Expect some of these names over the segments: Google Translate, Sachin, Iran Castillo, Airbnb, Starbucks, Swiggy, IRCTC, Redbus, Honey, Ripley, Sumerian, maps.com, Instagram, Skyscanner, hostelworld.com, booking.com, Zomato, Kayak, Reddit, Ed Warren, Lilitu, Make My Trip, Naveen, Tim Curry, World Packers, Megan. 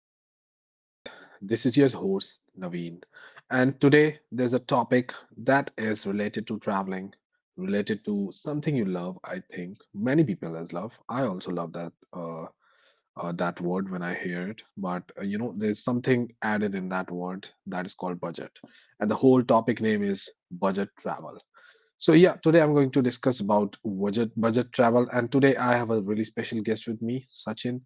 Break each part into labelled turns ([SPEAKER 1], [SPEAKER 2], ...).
[SPEAKER 1] another podcast. This is your host, Naveen. And today, there's a topic that is related to traveling, related to something you love. I think many people as love. I also love that that word when I hear it. But there's something added in that word that is called budget, and the whole topic name is budget travel. So yeah, today I'm going to discuss about budget travel, and today I have a really special guest with me, Sachin,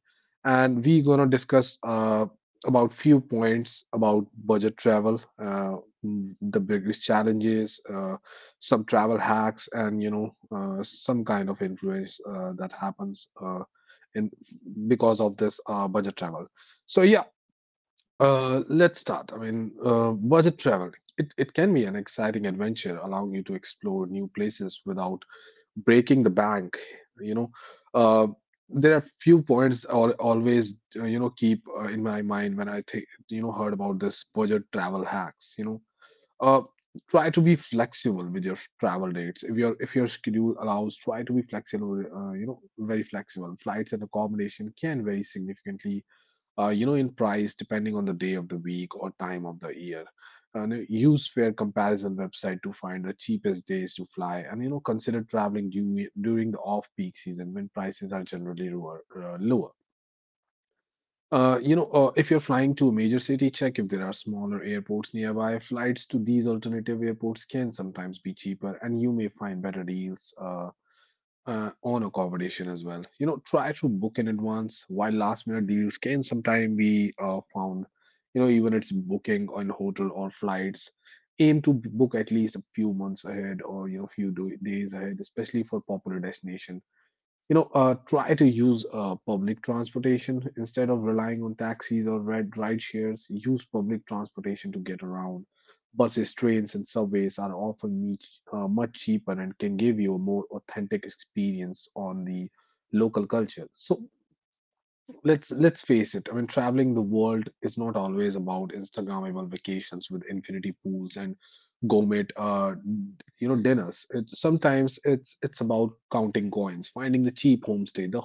[SPEAKER 1] and we gonna discuss about few points about budget travel, the biggest challenges, some travel hacks, and some kind of influence that happens in because of this budget travel. So yeah, let's start. I mean, budget travel. It can be an exciting adventure, allowing you to explore new places without breaking the bank. You know, uh, there are few points I always keep in my mind when I think you know heard about this budget travel hacks. Uh, Try to be flexible with your travel dates. If your schedule allows, try to be flexible. You know, very flexible. Flights and accommodation can vary significantly you know, in price depending on the day of the week or time of the year. And use fare comparison website to find the cheapest days to fly, and you know, consider traveling during the off-peak season when prices are generally lower. If you're flying to a major city, check if there are smaller airports nearby. Flights to these alternative airports can sometimes be cheaper, and you may find better deals. On accommodation as well. You know, try to book in advance while last minute deals can sometimes be found. You know, even it's booking on hotel or flights. Aim to book at least a few months ahead or you know few days ahead, especially for popular destinations you know, try to use public transportation instead of relying on taxis or red ride shares. Use public transportation to get around. Buses, trains, and subways are often much cheaper and can give you a more authentic experience on the local culture. So let's face it. I mean, traveling the world is not always about Instagrammable vacations with infinity pools and gourmet dinners. It's sometimes it's about counting coins, finding the cheap homestay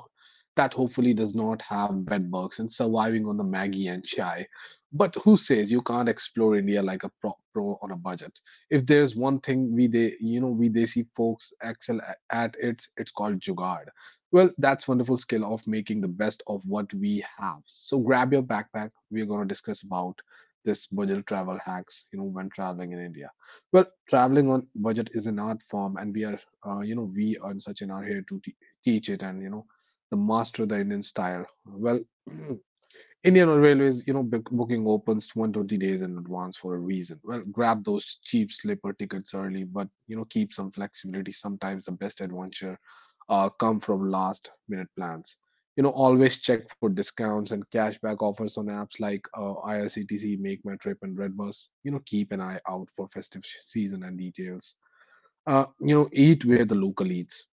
[SPEAKER 1] that hopefully does not have bed bugs, and surviving on the Maggie and chai. But who says you can't explore India like a pro on a budget? If there's one thing we they you know we they see folks excel at, it's called jugaad. Well, that's wonderful skill of making the best of what we have. So grab your backpack. We're going to discuss about this budget travel hacks, you know, when traveling in India. Well, traveling on budget is an art form and we are, we are in such an art here to teach it and, you know, the master the Indian style. Well, Indian Railways, you know, booking opens to 120 days in advance for a reason. Well, grab those cheap sleeper tickets early, but you know, keep some flexibility. Sometimes the best adventure come from last minute plans. You know, always check for discounts and cashback offers on apps like IRCTC, Make My Trip, and Redbus. You know, keep an eye out for festive season and details. You know, eat where the local eats.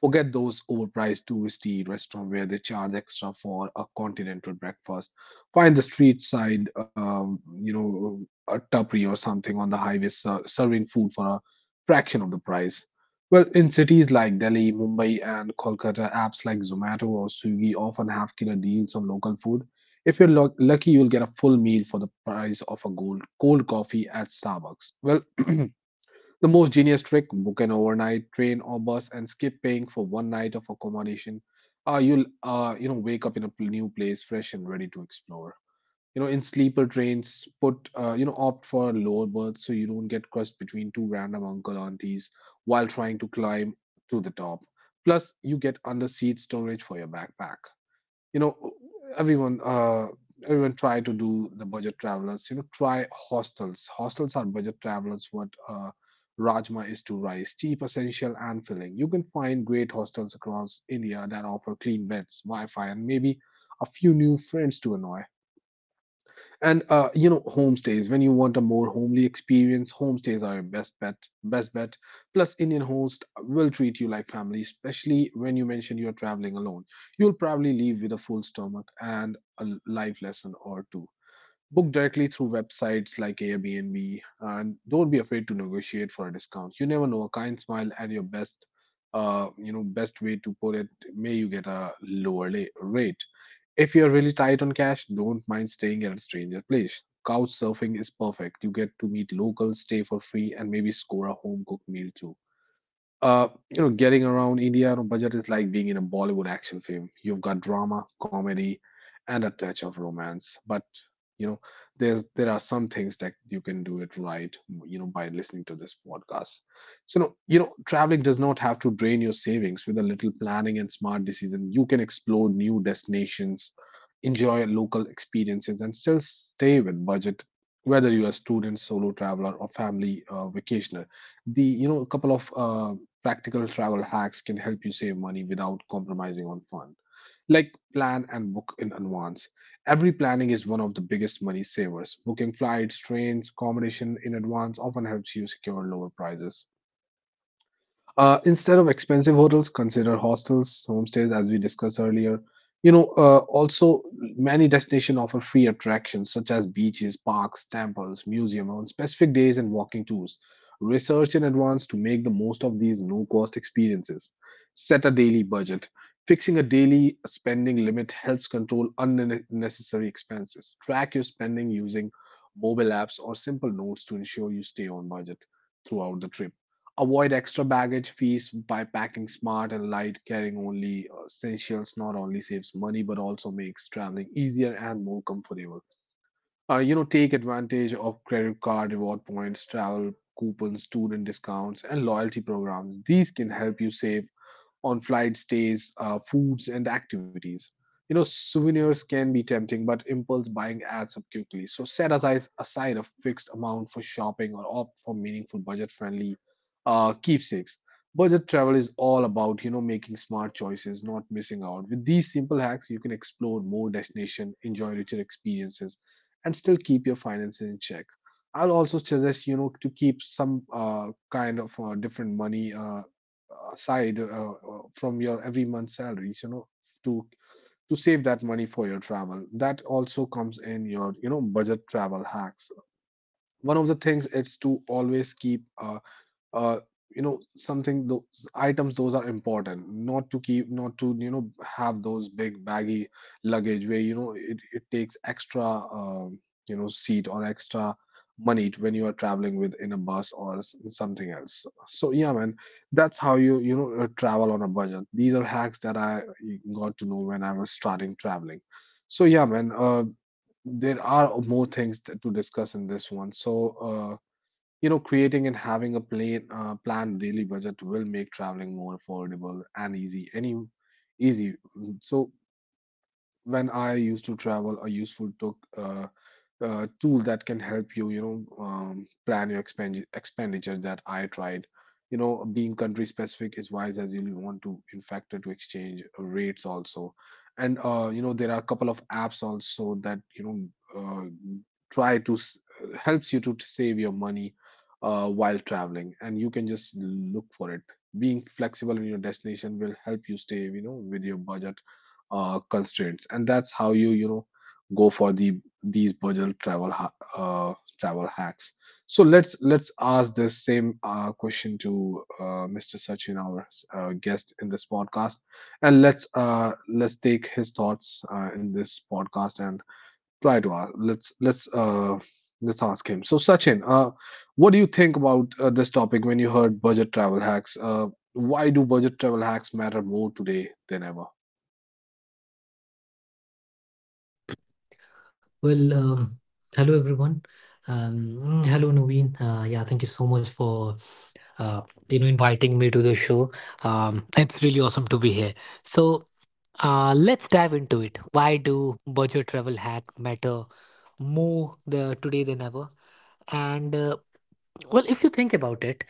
[SPEAKER 1] Forget those overpriced touristy restaurants where they charge extra for a continental breakfast. Find the street side, a tapery or something on the highway serving food for a fraction of the price. Well, in cities like Delhi, Mumbai, and Kolkata, apps like Zomato or Swiggy often have killer deals on local food. If you're lucky, you'll get a full meal for the price of a gold, cold coffee at Starbucks. Well, the most genius trick book an overnight train or bus and skip paying for one night of accommodation. You'll wake up in a new place fresh and ready to explore. You know in sleeper trains put opt for lower berths so you don't get crushed between two random uncle aunties while trying to climb to the top. Plus you get under seat storage for your backpack you know everyone uh everyone try to do the budget travelers you know try hostels hostels are budget travelers what rajma is to rice cheap essential and filling you can find great hostels across india that offer clean beds wi-fi and maybe a few new friends to annoy and you know, homestays. When you want a more homely experience, homestays are your best bet. Plus, Indian host will treat you like family, especially when you mention you're traveling alone. You'll probably leave with a full stomach and a life lesson or two book directly through websites like Airbnb and don't be afraid to negotiate for a discount. You never know a kind smile and your best best way to put it may you get a lower rate. If you're really tight on cash, don't mind staying at a stranger place. Couch surfing is perfect. You get to meet locals, stay for free, and maybe score a home cooked meal too. Uh, you know, getting around India on a budget is like being in a Bollywood action film. You've got drama, comedy, and a touch of romance. But you know, there are some things that you can do it right. You know, by listening to this podcast. So, no, you know, traveling does not have to drain your savings. With a little planning and smart decision, you can explore new destinations, enjoy local experiences, and still stay with budget. Whether you are a student, solo traveler, or family vacationer, the you know a couple of practical travel hacks can help you save money without compromising on fun. Like plan and book in advance. Every planning is one of the biggest money savers. Booking flights, trains, accommodation in advance often helps you secure lower prices. Instead of expensive hotels, consider hostels, homestays, as we discussed earlier. Also many destinations offer free attractions such as beaches, parks, temples, museums on specific days and walking tours. Research in advance to make the most of these no-cost experiences. Set a daily budget. Fixing a daily spending limit helps control unnecessary expenses. Track your spending using mobile apps or simple notes to ensure you stay on budget throughout the trip. Avoid extra baggage fees by packing smart and light, carrying only essentials. Not only saves money, but also makes traveling easier and more comfortable. You know, take advantage of credit card reward points, travel coupons, student discounts, and loyalty programs. These can help you save on flight stays, foods, and activities. You know, souvenirs can be tempting, but impulse buying adds up quickly. So set aside a fixed amount for shopping or opt for meaningful, budget-friendly keepsakes. Budget travel is all about, you know, making smart choices, not missing out. With these simple hacks, you can explore more destinations, enjoy richer experiences, and still keep your finances in check. I'll also suggest you know to keep some kind of different money aside from your every month's salaries you know to save that money for your travel that also comes in your you know budget travel hacks one of the things is to always keep a uh, you know something those items those are important not to keep not to you know have those big baggy luggage where you know it takes extra um, you know seat or extra money to, when you are traveling with in a bus or something else so yeah man that's how you you know travel on a budget these are hacks that I got to know when I was starting traveling so yeah man there are more things to discuss in this one so you know, creating and having a plan, planned daily budget will make traveling more affordable and easy. So when I used to travel, I used to took tool that can help you, you know, plan your expenditure that I tried. You know, being country specific is wise as you want to in factor to exchange rates also. And you know, there are a couple of apps also that, uh, try to s- helps you to save your money while traveling, and you can just look for it. Being flexible in your destination will help you stay, you know, with your budget constraints, and that's how you you know go for the these budget travel uh, travel hacks. So let's ask this same question to Mr. Sachin, our guest in this podcast, and let's take his thoughts in this podcast and try to ask let's ask him. So Sachin, what do you think about this topic? When you heard budget travel hacks, why do budget travel hacks matter more today than ever?
[SPEAKER 2] Well, hello everyone. Um, hello Naveen. Yeah, thank you so much for uh, you know inviting me to the show. It's really awesome to be here. So let's dive into it. Why do budget travel hack matter more the today than ever? And well, if you think about it,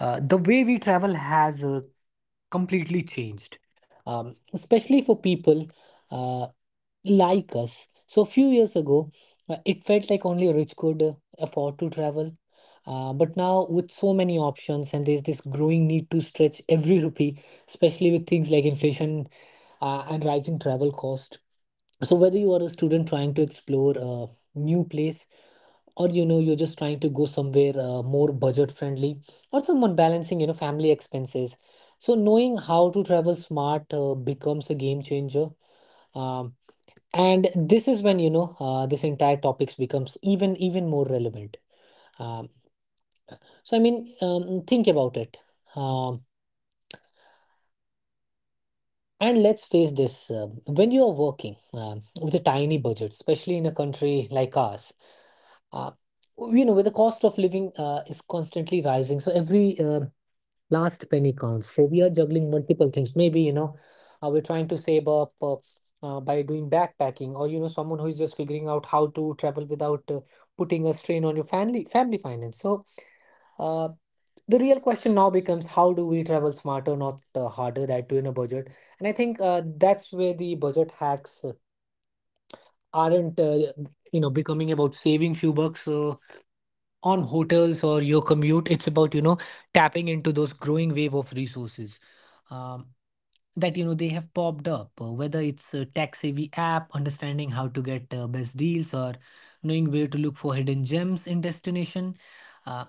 [SPEAKER 2] the way we travel has completely changed, especially for people. Uh, like us. So few years ago, it felt like only rich could afford to travel. But now with so many options and there's this growing need to stretch every rupee, especially with things like inflation and rising travel cost. So whether you are a student trying to explore a new place or you know you're just trying to go somewhere more budget friendly or someone balancing you know family expenses. So knowing how to travel smart becomes a game changer. Um, and this is when you know this entire topics becomes even more relevant um, so I mean think about it um, and let's face this when you are working with a tiny budget especially in a country like ours uh, you know where the cost of living is constantly rising so every last penny counts. So we are juggling multiple things. Maybe, you know, we're trying to save up by doing backpacking, or you know, someone who is just figuring out how to travel without putting a strain on your family finance. So uh, the real question now becomes how do we travel smarter, not harder, that too in a budget. And I think that's where the budget hacks aren't, you know, becoming about saving few bucks. On hotels or your commute it's about you know tapping into those growing wave of resources um, that you know they have popped up whether it's a tax savvy app understanding how to get best deals or knowing where to look for hidden gems in destination uh,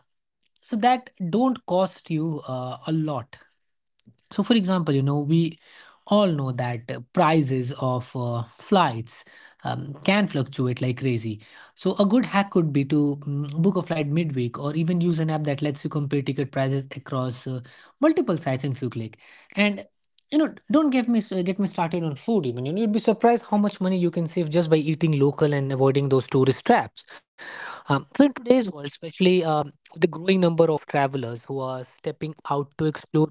[SPEAKER 2] so that don't cost you a lot so, for example, you know, we all know that prices of flights can fluctuate like crazy. So, a good hack could be to book a flight midweek or even use an app that lets you compare ticket prices across multiple sites in few click. And you know, don't get me started on food. Even you know, you'd be surprised how much money you can save just by eating local and avoiding those tourist traps. So in today's world, especially. The growing number of travelers who are stepping out to explore,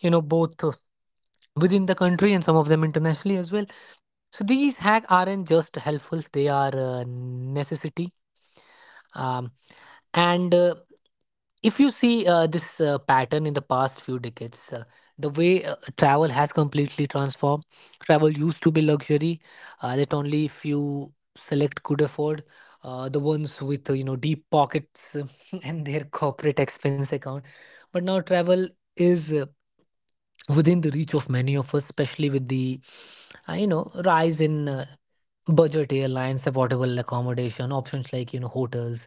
[SPEAKER 2] you know, both within the country and some of them internationally as well. So these hacks aren't just helpful; they are a necessity. Um, and if you see this pattern in the past few decades, the way travel has completely transformed. Travel used to be luxury that only few select could afford. The ones with you know deep pockets and their corporate expense account. But now travel is within the reach of many of us, especially with the you know rise in budget airlines, affordable accommodation options like you know hotels,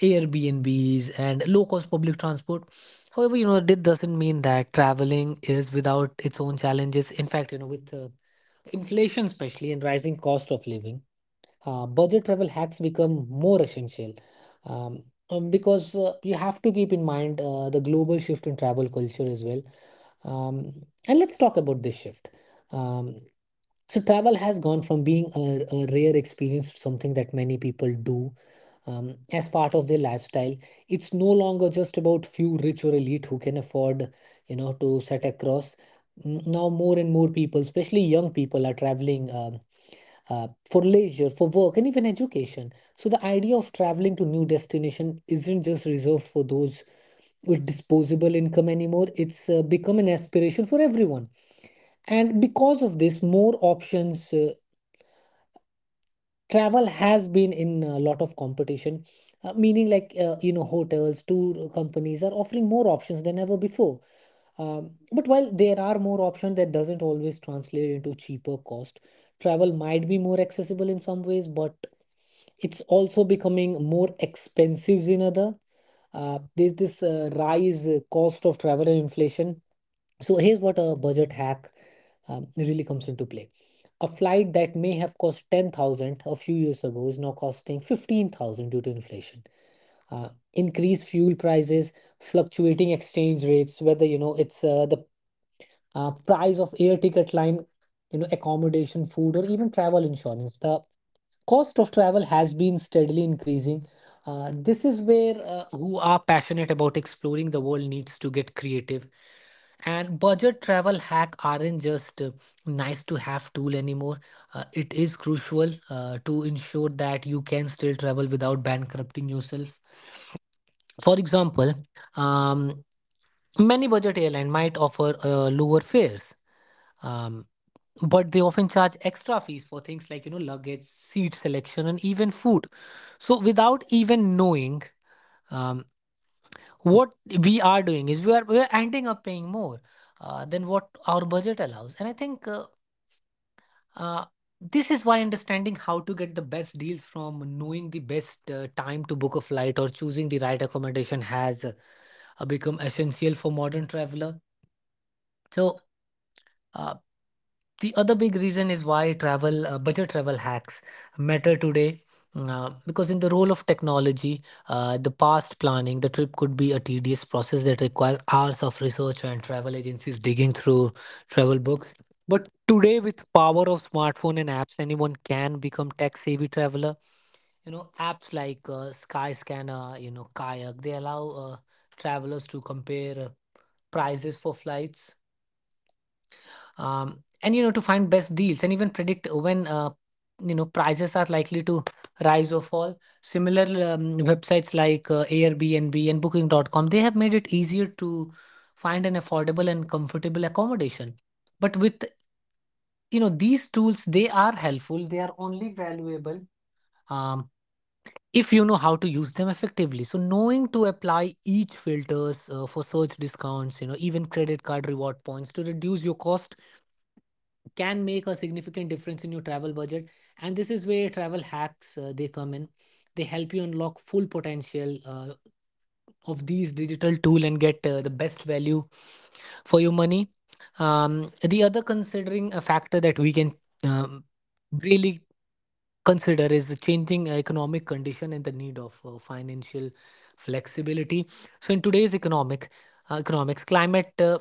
[SPEAKER 2] Airbnbs, and low cost public transport. However, you know it doesn't mean that traveling is without its own challenges. In fact, you know with inflation, especially and rising cost of living budget travel hacks become more essential um, because you have to keep in mind the global shift in travel culture as well. Um, and let's talk about this shift. Um, so, travel has gone from being a rare experience to something that many people do as part of their lifestyle. It's no longer just about few rich or elite who can afford, you know, to set across. Now, more and more people, especially young people, are traveling. For leisure, for work, and even education. So the idea of traveling to new destination isn't just reserved for those with disposable income anymore. It's become an aspiration for everyone. And because of this, more options travel has been in a lot of competition meaning like you know hotels tour companies are offering more options than ever before but while there are more options that doesn't always translate into cheaper cost travel might be more accessible in some ways but it's also becoming more expensive in other there's this rise cost of travel and inflation so here's what a budget hack really comes into play. A flight that may have cost 10,000 a few years ago is now costing 15,000 due to inflation. Increased fuel prices, fluctuating exchange rates, whether you know it's the price of air ticket line, you know, accommodation, food, or even travel insurance. The cost of travel has been steadily increasing. This is where who are passionate about exploring the world needs to get creative. And budget travel hack aren't just nice to have tool anymore. It is crucial to ensure that you can still travel without bankrupting yourself. For example, um, many budget airlines might offer lower fares, um, but they often charge extra fees for things like you know luggage, seat selection, and even food. So without even knowing, um, what we are doing is we are ending up paying more than what our budget allows. And I think uh, this is why understanding how to get the best deals from knowing the best time to book a flight or choosing the right accommodation has become essential for modern traveler. So Uh, the other big reason is why travel budget travel hacks matter today because in the role of technology the past planning the trip could be a tedious process that requires hours of research and travel agencies digging through travel books but today with power of smartphone and apps anyone can become tech savvy traveler you know apps like Skyscanner you know Kayak they allow travelers to compare prices for flights and you know to find best deals and even predict when you know prices are likely to rise or fall similar websites like Airbnb and booking.com they have made it easier to find an affordable and comfortable accommodation but with you know these tools they are helpful they are only valuable um, if you know how to use them effectively so knowing to apply each filters for search discounts you know even credit card reward points to reduce your cost can make a significant difference in your travel budget and this is where travel hacks they come in they help you unlock full potential of these digital tool and get the best value for your money the other considering a factor that we can um, really consider is the changing economic condition and the need of financial flexibility so in today's economic economics climate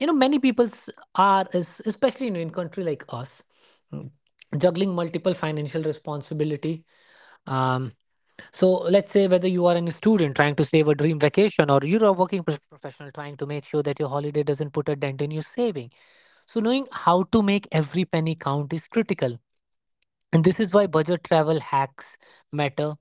[SPEAKER 2] you know many people are especially in a country like us mm, juggling multiple financial responsibility um, so let's say whether you are a student trying to save a dream vacation or you're a working professional trying to make sure that your holiday doesn't put a dent in your saving so knowing how to make every penny count is critical and this is why budget travel hacks matter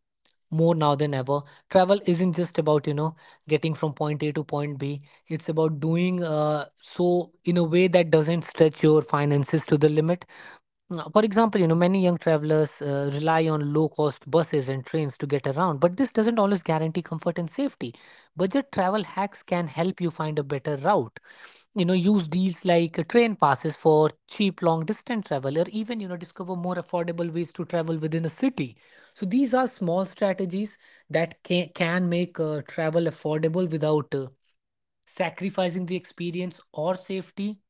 [SPEAKER 2] more now than ever travel isn't just about you know getting from point a to point b it's about doing so in a way that doesn't stretch your finances to the limit. Now, for example you know many young travelers rely on low cost buses and trains to get around but this doesn't always guarantee comfort and safety budget travel hacks can help you find a better route you know use deals like train passes for cheap long distance travel or even you know discover more affordable ways to travel within a city so these are small strategies that can make travel affordable without sacrificing the experience or safety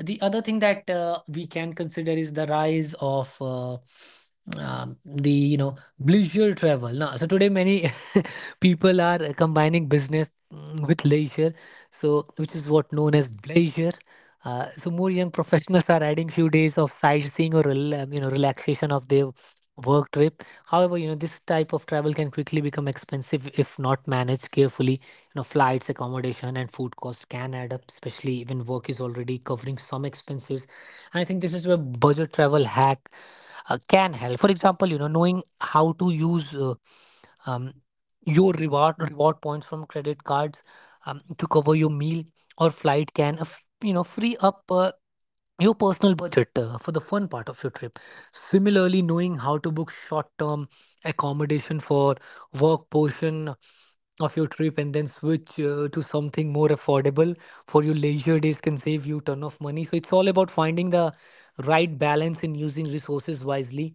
[SPEAKER 2] the other thing that we can consider is the rise of the you know leisure travel. Now, so today many people are combining business with leisure, so which is what known as leisure. So more young professionals are adding few days of sightseeing or you know relaxation of their work trip. However, this type of travel can quickly become expensive if not managed carefully. Flights, accommodation, and food costs can add up, especially when work is already covering some expenses. And I think this is where budget travel hack can help. For example, knowing how to use um, your reward points from credit cards to cover your meal or flight can free up your personal budget for the fun part of your trip. Similarly, knowing how to book short term accommodation for work portion of your trip and then switch to something more affordable for your leisure days can save you ton of money. So it's all about finding the right balance in using resources wisely.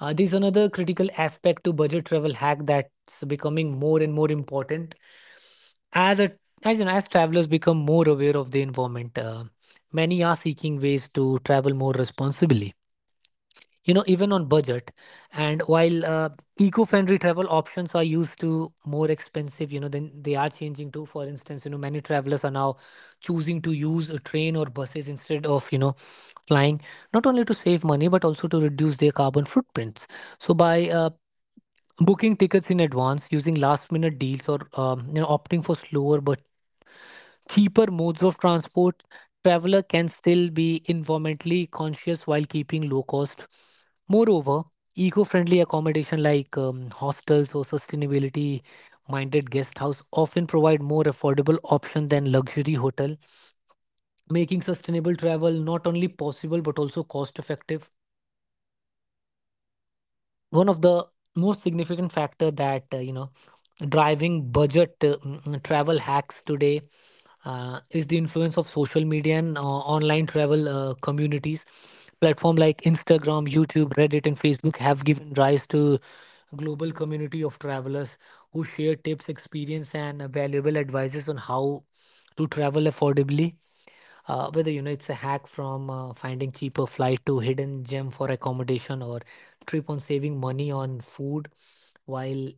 [SPEAKER 2] There's another critical aspect to budget travel hack that's becoming more and more important as a as you know as travelers become more aware of the environment. Many are seeking ways to travel more responsibly, even on budget. And while eco-friendly travel options are used to more expensive, then they are changing too. For instance, many travelers are now choosing to use a train or buses instead of flying, not only to save money but also to reduce their carbon footprints. So by booking tickets in advance, using last minute deals, or opting for slower but cheaper modes of transport, traveler can still be environmentally conscious while keeping low cost. Moreover, eco-friendly accommodation like hostels or sustainability-minded guest house often provide more affordable option than luxury hotel, making sustainable travel not only possible but also cost-effective. One of the most significant factor that driving budget travel hacks today is the influence of social media and online travel communities. Platform like Instagram, YouTube, Reddit, and Facebook have given rise to global community of travelers who share tips, experience, and valuable advices on how to travel affordably. Whether it's a hack from finding cheaper flight to hidden gem for accommodation or trip on saving money on food while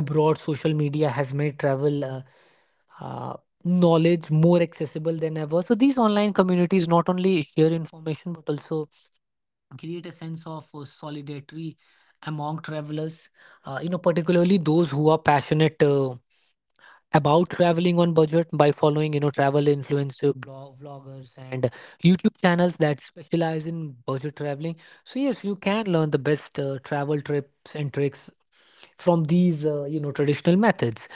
[SPEAKER 2] abroad, social media has made travel uh, knowledge more accessible than ever. So these online communities not only share information but also create a sense of solidarity among travelers, particularly those who are passionate about traveling on budget by following travel influencer blog, vloggers, and YouTube channels that specialize in budget traveling. So yes, you can learn the best travel trips and tricks from these traditional methods.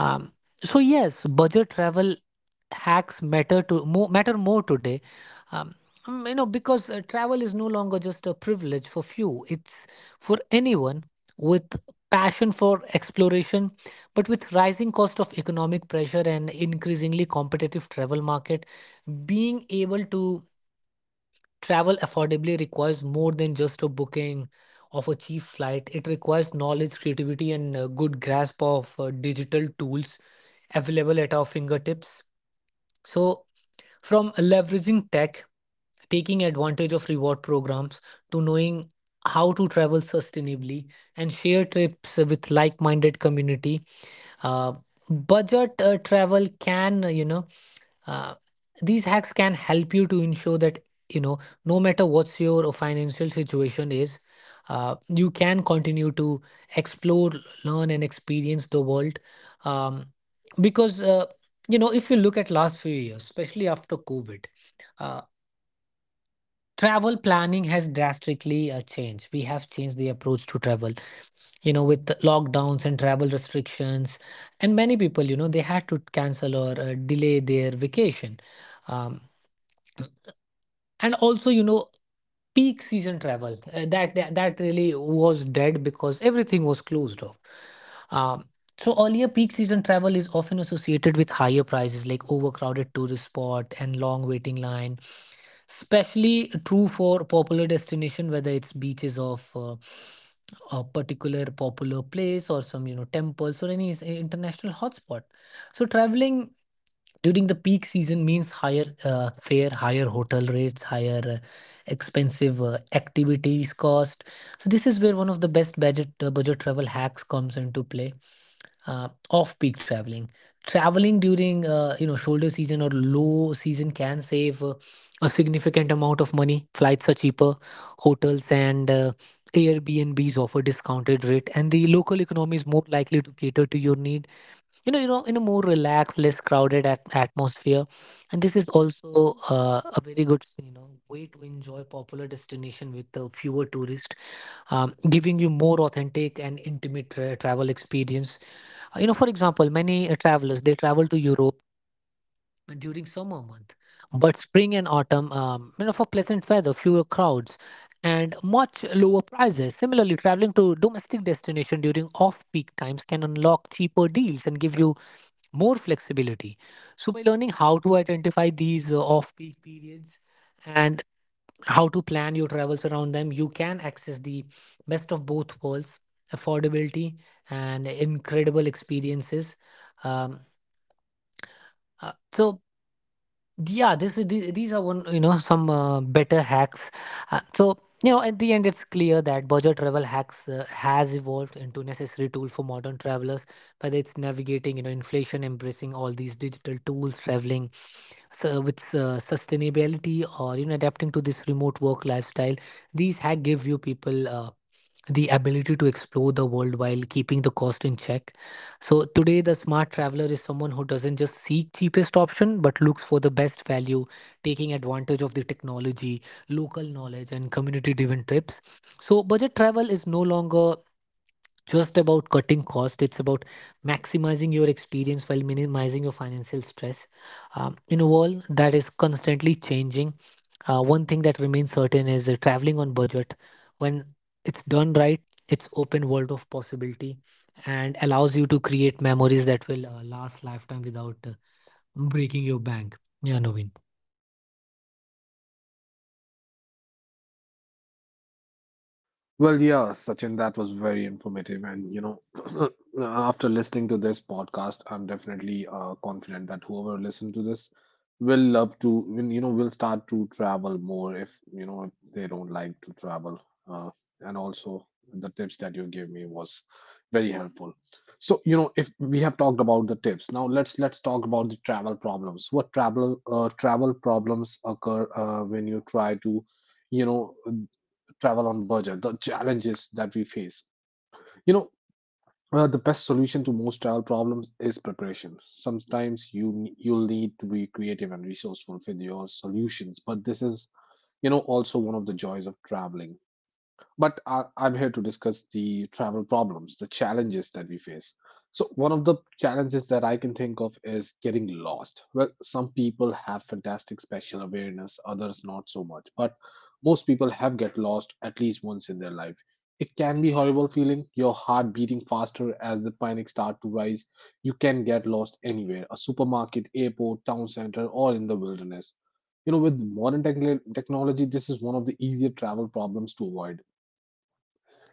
[SPEAKER 2] um, so yes, budget travel hacks matter more today, um, because travel is no longer just a privilege for few, it's for anyone with passion for exploration. But with rising cost of economic pressure and increasingly competitive travel market, being able to travel affordably requires more than just a booking of a cheap flight. It requires knowledge, creativity, and a good grasp of digital tools available at our fingertips. So, from leveraging tech, taking advantage of reward programs, to knowing how to travel sustainably and share trips with like minded community, uh, budget travel can uh, these hacks can help you to ensure that you know no matter what's your financial situation is, you can continue to explore, learn, and experience the world. um, because if you look at last few years, especially after COVID, uh, travel planning has drastically changed. We have changed the approach to travel, with lockdowns and travel restrictions, and many people, they had to cancel or delay their vacation. um, and also, peak season travel, that really was dead because everything was closed off. um, so earlier peak season travel is often associated with higher prices, like overcrowded tourist spot and long waiting line, especially true for popular destination, whether it's beaches of a particular popular place or some temples or any international hotspot. So traveling during the peak season means higher fare, higher hotel rates, higher expensive activities cost. So this is where one of the best budget travel hacks comes into play: off peak traveling. Traveling during shoulder season or low season can save a significant amount of money. Flights are cheaper, hotels and airbnbs offer discounted rate, and the local economy is more likely to cater to your needs, in a more relaxed, less crowded atmosphere. And this is also a very good way to enjoy popular destination with fewer tourists, giving you more authentic and intimate travel experience. For example, many travelers, they travel to Europe during summer month, but spring and autumn for pleasant weather, fewer crowds, and much lower prices. Similarly, traveling to domestic destination during off-peak times can unlock cheaper deals and give you more flexibility. So, by learning how to identify these off peak periods and how to plan your travels around them, you can access the best of both worlds: affordability and incredible experiences. Um, so, yeah, these are one you know some better hacks. So at the end, it's clear that budget travel hacks has evolved into necessary tool for modern travelers, whether it's navigating inflation, embracing all these digital tools, traveling so with sustainability or adapting to this remote work lifestyle. These hack give you people the ability to explore the world while keeping the cost in check. So today, the smart traveler is someone who doesn't just seek cheapest option but looks for the best value, taking advantage of the technology, local knowledge, and community driven trips. So budget travel is no longer just about cutting cost, it's about maximizing your experience while minimizing your financial stress. In a world that is constantly changing, one thing that remains certain is traveling on budget. When it's done right, it's open world of possibility and allows you to create memories that will last lifetime without breaking your bank. Yeah, Naveen.
[SPEAKER 1] Well, yeah, Sachin, that was very informative. And, you know, after listening to this podcast, I'm definitely confident that whoever listened to this will love to, will start to travel more if, you know, if they don't like to travel. Uh, and also, the tips that you gave me was very helpful. So, you know, if we have talked about the tips, now let's talk about the travel problems. What travel problems occur when you try to, you know, travel on budget, the challenges that we face? You know, the best solution to most travel problems is preparation. Sometimes you'll need to be creative and resourceful with your solutions, but this is, you know, also one of the joys of traveling. But I'm here to discuss the travel problems, the challenges that we face. So, one of the challenges that I can think of is getting lost. Well, some people have fantastic spatial awareness, others not so much. But most people have get lost at least once in their life. It can be horrible feeling, your heart beating faster as the panic start to rise. You can get lost anywhere, a supermarket, airport, town center, or in the wilderness. You know, with modern technology, this is one of the easier travel problems to avoid.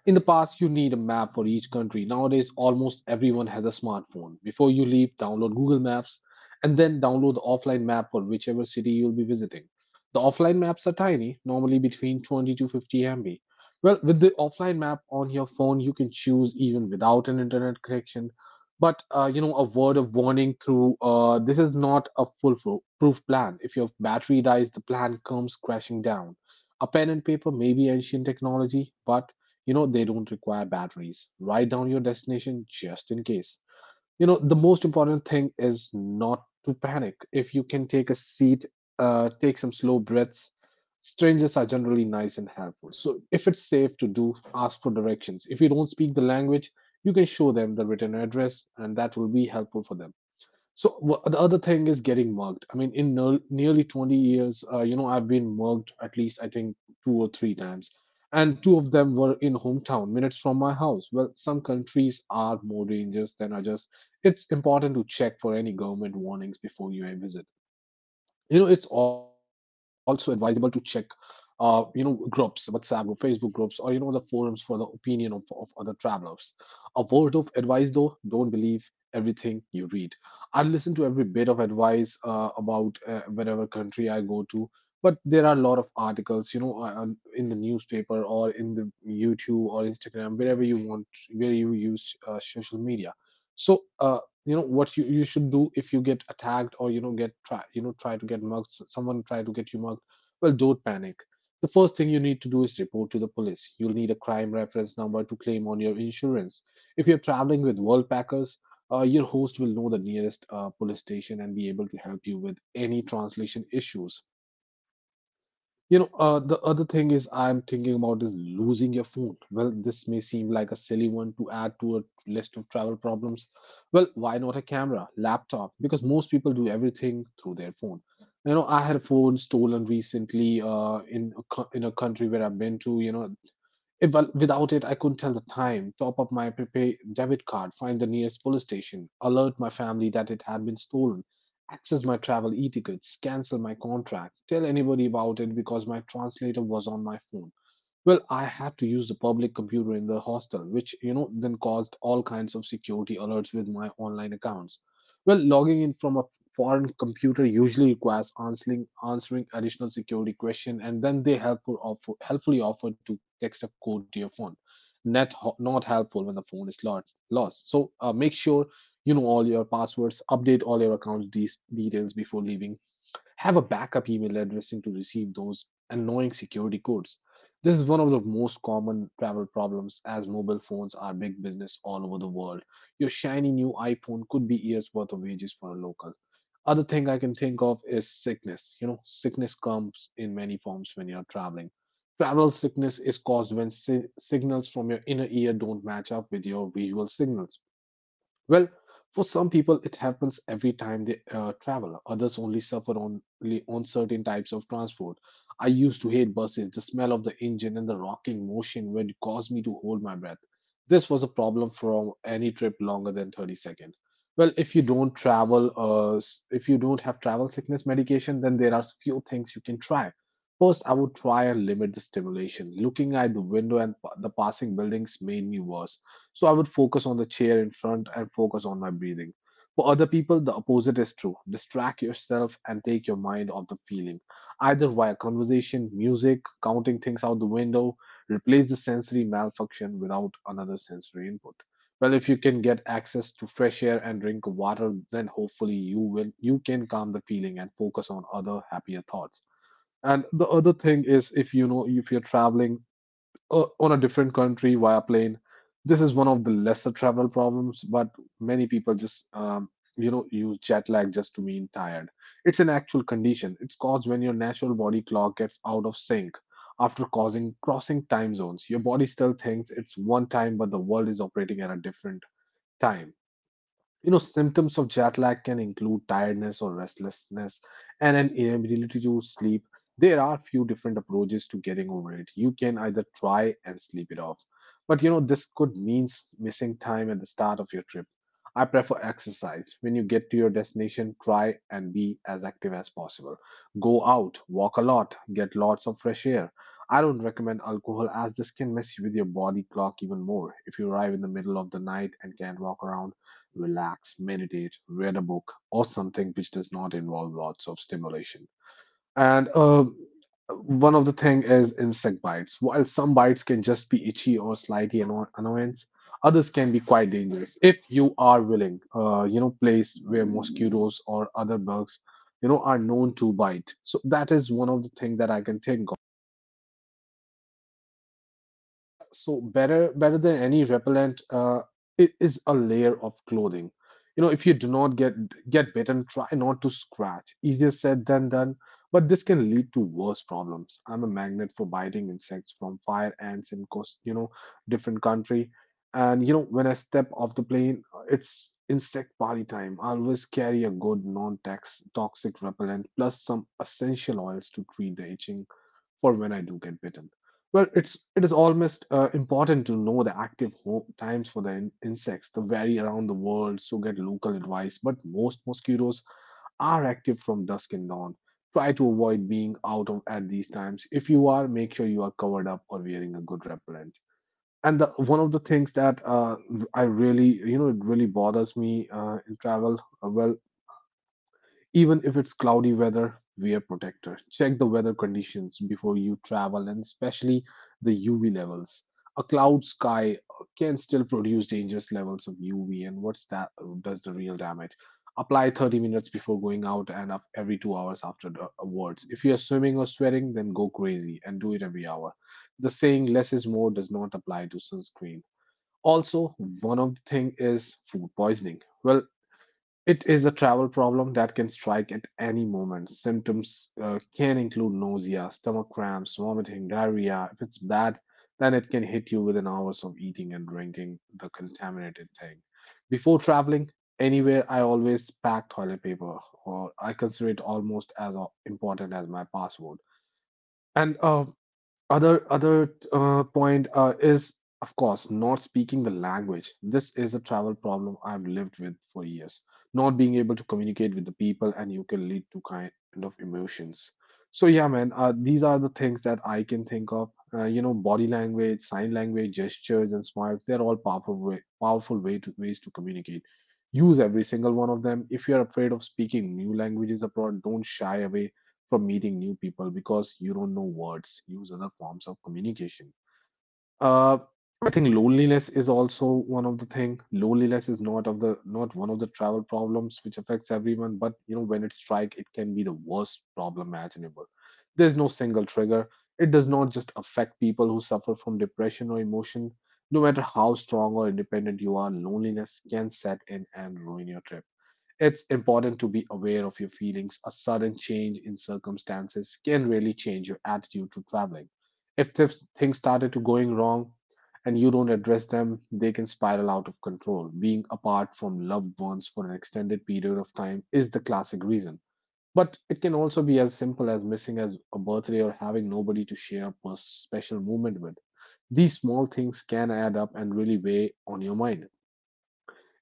[SPEAKER 1] In the past, you need a map for each country. Nowadays, almost everyone has a smartphone. Before you leave, download Google Maps and then download the offline map for whichever city you'll be visiting. The offline maps are tiny, normally between 20 to 50 MB. Well, with the offline map on your phone, you can choose even without an internet connection. But you know, a word of warning through, this is not a foolproof plan. If your battery dies, the plan comes crashing down. A pen and paper may be ancient technology, but, you know, they don't require batteries. Write down your destination just in case. You know, the most important thing is not to panic. If you can take a seat, take some slow breaths. Strangers are generally nice and helpful. So, if it's safe to do, ask for directions. If you don't speak the language, you can show them the written address, and that will be helpful for them. So the other thing is getting mugged. I mean, in no, nearly 20 years, you know, I've been mugged at least I think two or three times, and two of them were in hometown, minutes from my house. Well, some countries are more dangerous than others. It's important to check for any government warnings before you visit. You know, it's also advisable to check, you know, groups, WhatsApp group, Facebook groups, or, you know, the forums for the opinion of other travelers. A word of advice though, don't believe everything you read. I listen to every bit of advice about whatever country I go to, but there are a lot of articles, you know, in the newspaper or in the YouTube or Instagram, wherever you want, where you use social media. So you know what you should do if you get attacked, or, you know, get try you know try to get mugged someone try to get you mugged. Well, don't panic. The first thing you need to do is report to the police. You'll need a crime reference number to claim on your insurance. If you're traveling with world packers, your host will know the nearest police station and be able to help you with any translation issues. You know, the other thing is I'm thinking about is losing your phone. Well, this may seem like a silly one to add to a list of travel problems. Well, why not a camera, laptop? Because most people do everything through their phone. You know, I had a phone stolen recently in a country where I've been to. You know, eh, well, without it, I couldn't tell the time, top up my prepaid debit card, find the nearest police station, alert my family that it had been stolen, access my travel e-tickets, cancel my contract, tell anybody about it because my translator was on my phone. Well, I had to use the public computer in the hostel, which, you know, then caused all kinds of security alerts with my online accounts. Well, logging in from a foreign computer usually requires answering additional security question, and then helpfully offer to text a code to your phone. Not helpful when the phone is lost. Lost. So make sure you know all your passwords. Update all your accounts these details before leaving. Have a backup email addressing to receive those annoying security codes. This is one of the most common travel problems as mobile phones are big business all over the world. Your shiny new iPhone could be years worth of wages for a local. Other thing I can think of is sickness. You know, sickness comes in many forms when you're traveling. Travel sickness is caused when signals from your inner ear don't match up with your visual signals. Well, for some people, it happens every time they travel. Others only suffer only on certain types of transport. I used to hate buses. The smell of the engine and the rocking motion would cause me to hold my breath. This was a problem from any trip longer than 30 seconds. Well, if you don't travel, if you don't have travel sickness medication, then there are few things you can try. First, I would try and limit the stimulation. Looking at the window and the passing buildings made me worse. So I would focus on the chair in front and focus on my breathing. For other people, the opposite is true. Distract yourself and take your mind off the feeling, either via conversation, music, counting things out the window, replace the sensory malfunction without another sensory input. Well, if you can get access to fresh air and drink water, then hopefully you can calm the feeling and focus on other happier thoughts. And the other thing is if, you know, if you're traveling on a different country via plane. This is one of the lesser travel problems, but many people just you know use jet lag just to mean tired. It's an actual condition. It's caused when your natural body clock gets out of sync after causing crossing time zones. Your body still thinks it's one time, but the world is operating at a different time. You know, symptoms of jet lag can include tiredness or restlessness and an inability to sleep. There are few different approaches to getting over it. You can either try and sleep it off, but, you know, this could mean missing time at the start of your trip. I prefer exercise. When you get to your destination, try and be as active as possible. Go out, walk a lot, get lots of fresh air. I don't recommend alcohol as this can mess with your body clock even more. If you arrive in the middle of the night and can't walk around, relax, meditate, read a book, or something which does not involve lots of stimulation. And one of the thing is insect bites. While some bites can just be itchy or slightly annoyance, others can be quite dangerous if you are willing. You know, place where mosquitoes or other bugs, you know, are known to bite. So that is one of the thing that I can think. Yeah, so better than any repellent, it is a layer of clothing. You know, if you do not get bitten, try not to scratch. Easier said than done, but this can lead to worse problems. I'm a magnet for biting insects from fire ants in coast, you know, different country. And you know, when I step off the plane, it's insect party time. I always carry a good non-tax toxic repellent plus some essential oils to treat the itching for when I do get bitten. It is almost important to know the active times for the insects. They vary around the world, so get local advice. But most mosquitoes are active from dusk and dawn. Try to avoid being out of at these times. If you are, make sure you are covered up or wearing a good repellent. One of the things that I really, it really bothers me in travel, even if it's cloudy weather, wear protector. Check the weather conditions before you travel and especially the UV levels. A cloud sky can still produce dangerous levels of UV and what's that does the real damage. Apply 30 minutes before going out and up every 2 hours after the awards. If you're swimming or sweating, then go crazy and do it every hour. The saying less is more does not apply to sunscreen. Also, one of the thing is food poisoning. Well, it is a travel problem that can strike at any moment. Symptoms can include nausea, stomach cramps, vomiting, diarrhea. If it's bad, then it can hit you within hours of eating and drinking the contaminated thing. Before traveling anywhere, I always pack toilet paper, or I consider it almost as important as my password. And other point is of course not speaking the language. This is a travel problem I've lived with for years. Not being able to communicate with the people and you can lead to kind of emotions. So yeah, man, these are the things that I can think of. Body language, sign language, gestures, and smiles. They're all powerful way to ways to communicate. Use every single one of them. If you're afraid of speaking new languages abroad, don't shy away from meeting new people because you don't know words. Use other forms of communication. Uh, I think loneliness is also one of the thing. Loneliness is not one of the travel problems which affects everyone, but you know when it strike, it can be the worst problem imaginable. There's no single trigger. It does not just affect people who suffer from depression or emotion. No matter how strong or independent you are, loneliness can set in and ruin your trip. It's important to be aware of your feelings. A sudden change in circumstances can really change your attitude to traveling. If things started to going wrong and you don't address them, they can spiral out of control. Being apart from loved ones for an extended period of time is the classic reason. But it can also be as simple as missing as a birthday or having nobody to share a special moment with. These small things can add up and really weigh on your mind.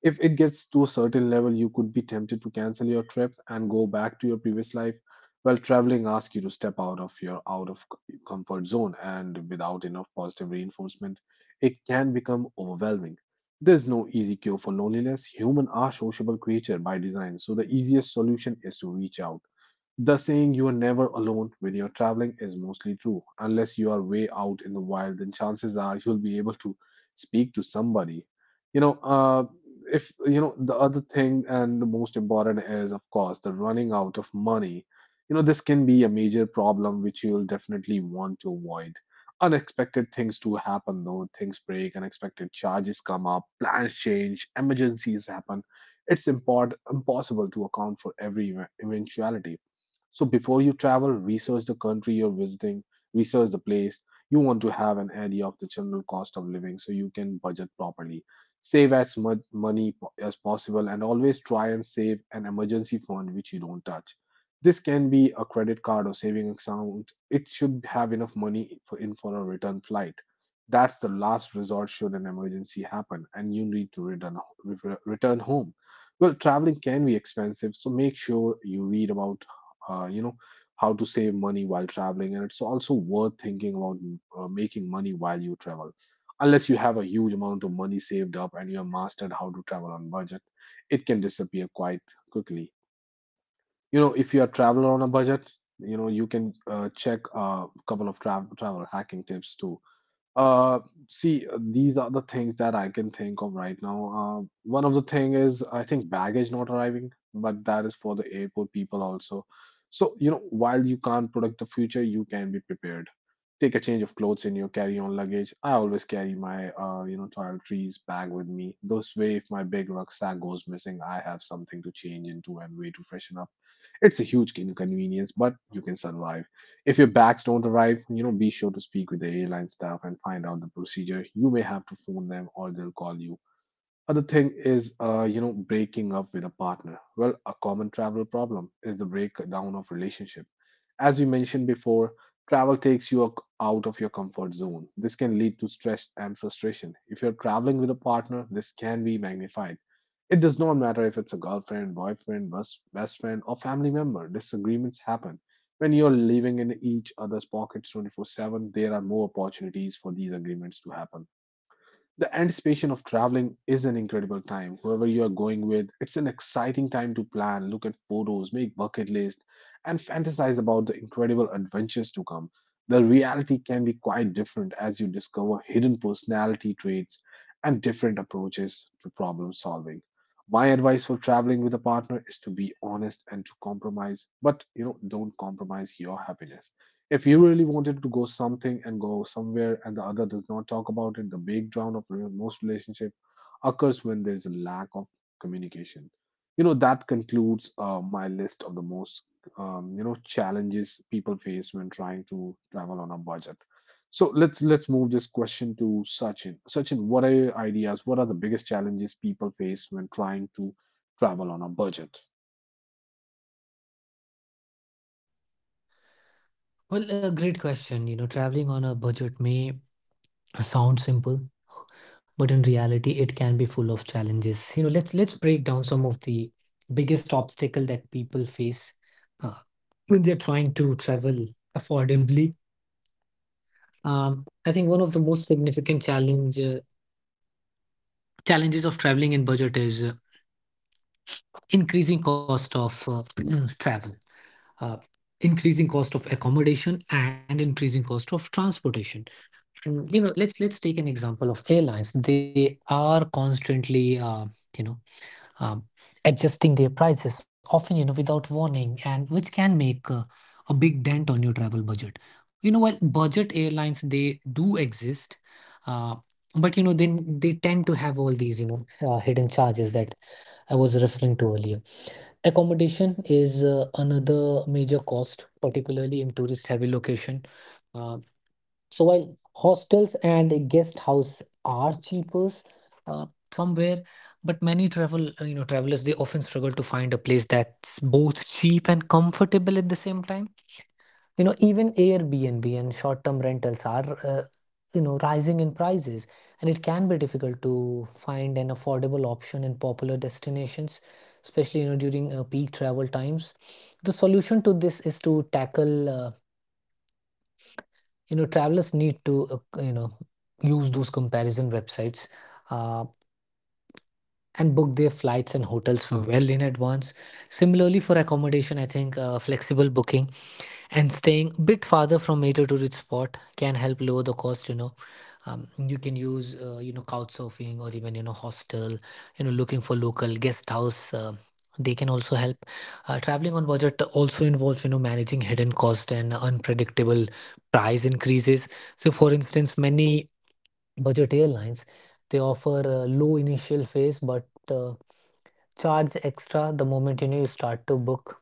[SPEAKER 1] If it gets to a certain level, you could be tempted to cancel your trip and go back to your previous life. Well, traveling asks you to step out of your comfort zone, and without enough positive reinforcement, it can become overwhelming. There's no easy cure for loneliness. Humans are sociable creatures by design, so the easiest solution is to reach out. The saying you are never alone when you're traveling is mostly true. Unless you are way out in the wild, then chances are you'll be able to speak to somebody. You know, uh, if you know the other thing and the most important is, of course, the running out of money. You know, this can be a major problem which you'll definitely want to avoid. Unexpected things do happen though. Things break, unexpected charges come up, plans change, emergencies happen. It's import impossible to account for every eventuality so before you travel, research the country you're visiting, research the place. You want to have an idea of the general cost of living so you can budget properly. Save as much money as possible and always try and save an emergency fund which you don't touch. This can be a credit card or saving account. It should have enough money for a return flight. That's the last resort should an emergency happen and you need to return home. Well, traveling can be expensive, so make sure you read about uh, you know how to save money while traveling, and it's also worth thinking about making money while you travel unless you have a huge amount of money saved up and you have mastered how to travel on budget. It can disappear quite quickly. You know, if you're a traveler on a budget, you know you can check a couple of travel hacking tips too. uh, See, these are the things that I can think of right now. One of the thing is I think baggage not arriving, but that is for the airport people also. So, you know, while you can't predict the future, you can be prepared. Take a change of clothes in your carry-on luggage. I always carry my, toiletries bag with me. This way, if my big rucksack goes missing, I have something to change into and way to freshen up. It's a huge inconvenience, but you can survive. If your bags don't arrive, you know, be sure to speak with the airline staff and find out the procedure. You may have to phone them or they'll call you. Other thing is, breaking up with a partner. Well, a common travel problem is the breakdown of relationship. As we mentioned before, travel takes you out of your comfort zone. This can lead to stress and frustration. If you're traveling with a partner, this can be magnified. It does not matter if it's a girlfriend, boyfriend, best friend, or family member. Disagreements happen. When you're living in each other's pockets 24/7, there are more opportunities for these agreements to happen. The anticipation of traveling is an incredible time. Whoever you are going with, it's an exciting time to plan, look at photos, make bucket list, and fantasize about the incredible adventures to come. The reality can be quite different as you discover hidden personality traits and different approaches to problem solving. My advice for traveling with a partner is to be honest and to compromise, but you know, don't compromise your happiness. If you really wanted to go something and go somewhere and the other does not talk about it, the breakdown of most relationship occurs when there is a lack of communication. You know that concludes my list of the most challenges people face when trying to travel on a budget. So let's move this question to Sachin. Sachin, what are your ideas? What are the biggest challenges people face when trying to travel on a budget?
[SPEAKER 2] Well, a great question. Traveling on a budget may sounds simple, but in reality it can be full of challenges. Let's break down some of the biggest obstacle that people face uh, when they're trying to travel affordably. I think one of the most significant challenges of traveling in budget is increasing cost of travel. Uh, Increasing cost of accommodation and increasing cost of transportation. Let's take an example of airlines. They are constantly you know um, adjusting their prices often, without warning, and which can make a big dent on your travel budget. While budget airlines, they do exist, uh, but then they tend to have all these hidden charges that I was referring to earlier. Accommodation is another major cost, particularly in tourist heavy location. Uh, so while hostels and guest house are cheaper uh, somewhere, but many travelers, they often struggle to find a place that's both cheap and comfortable at the same time. Even Airbnb and short-term rentals are rising in prices, and it can be difficult to find an affordable option in popular destinations, especially during peak travel times. The solution to this is to tackle travelers need to you know use those comparison websites uh, and book their flights and hotels well in advance. Similarly, for accommodation, I think flexible booking and staying a bit farther from major tourist spot can help lower the cost. You can use couch surfing or even hostel, looking for local guest house. They can also help. Traveling on budget also involves managing hidden cost and unpredictable price increases. So for instance, many budget airlines, they offer a low initial phase but charge extra the moment you start to book.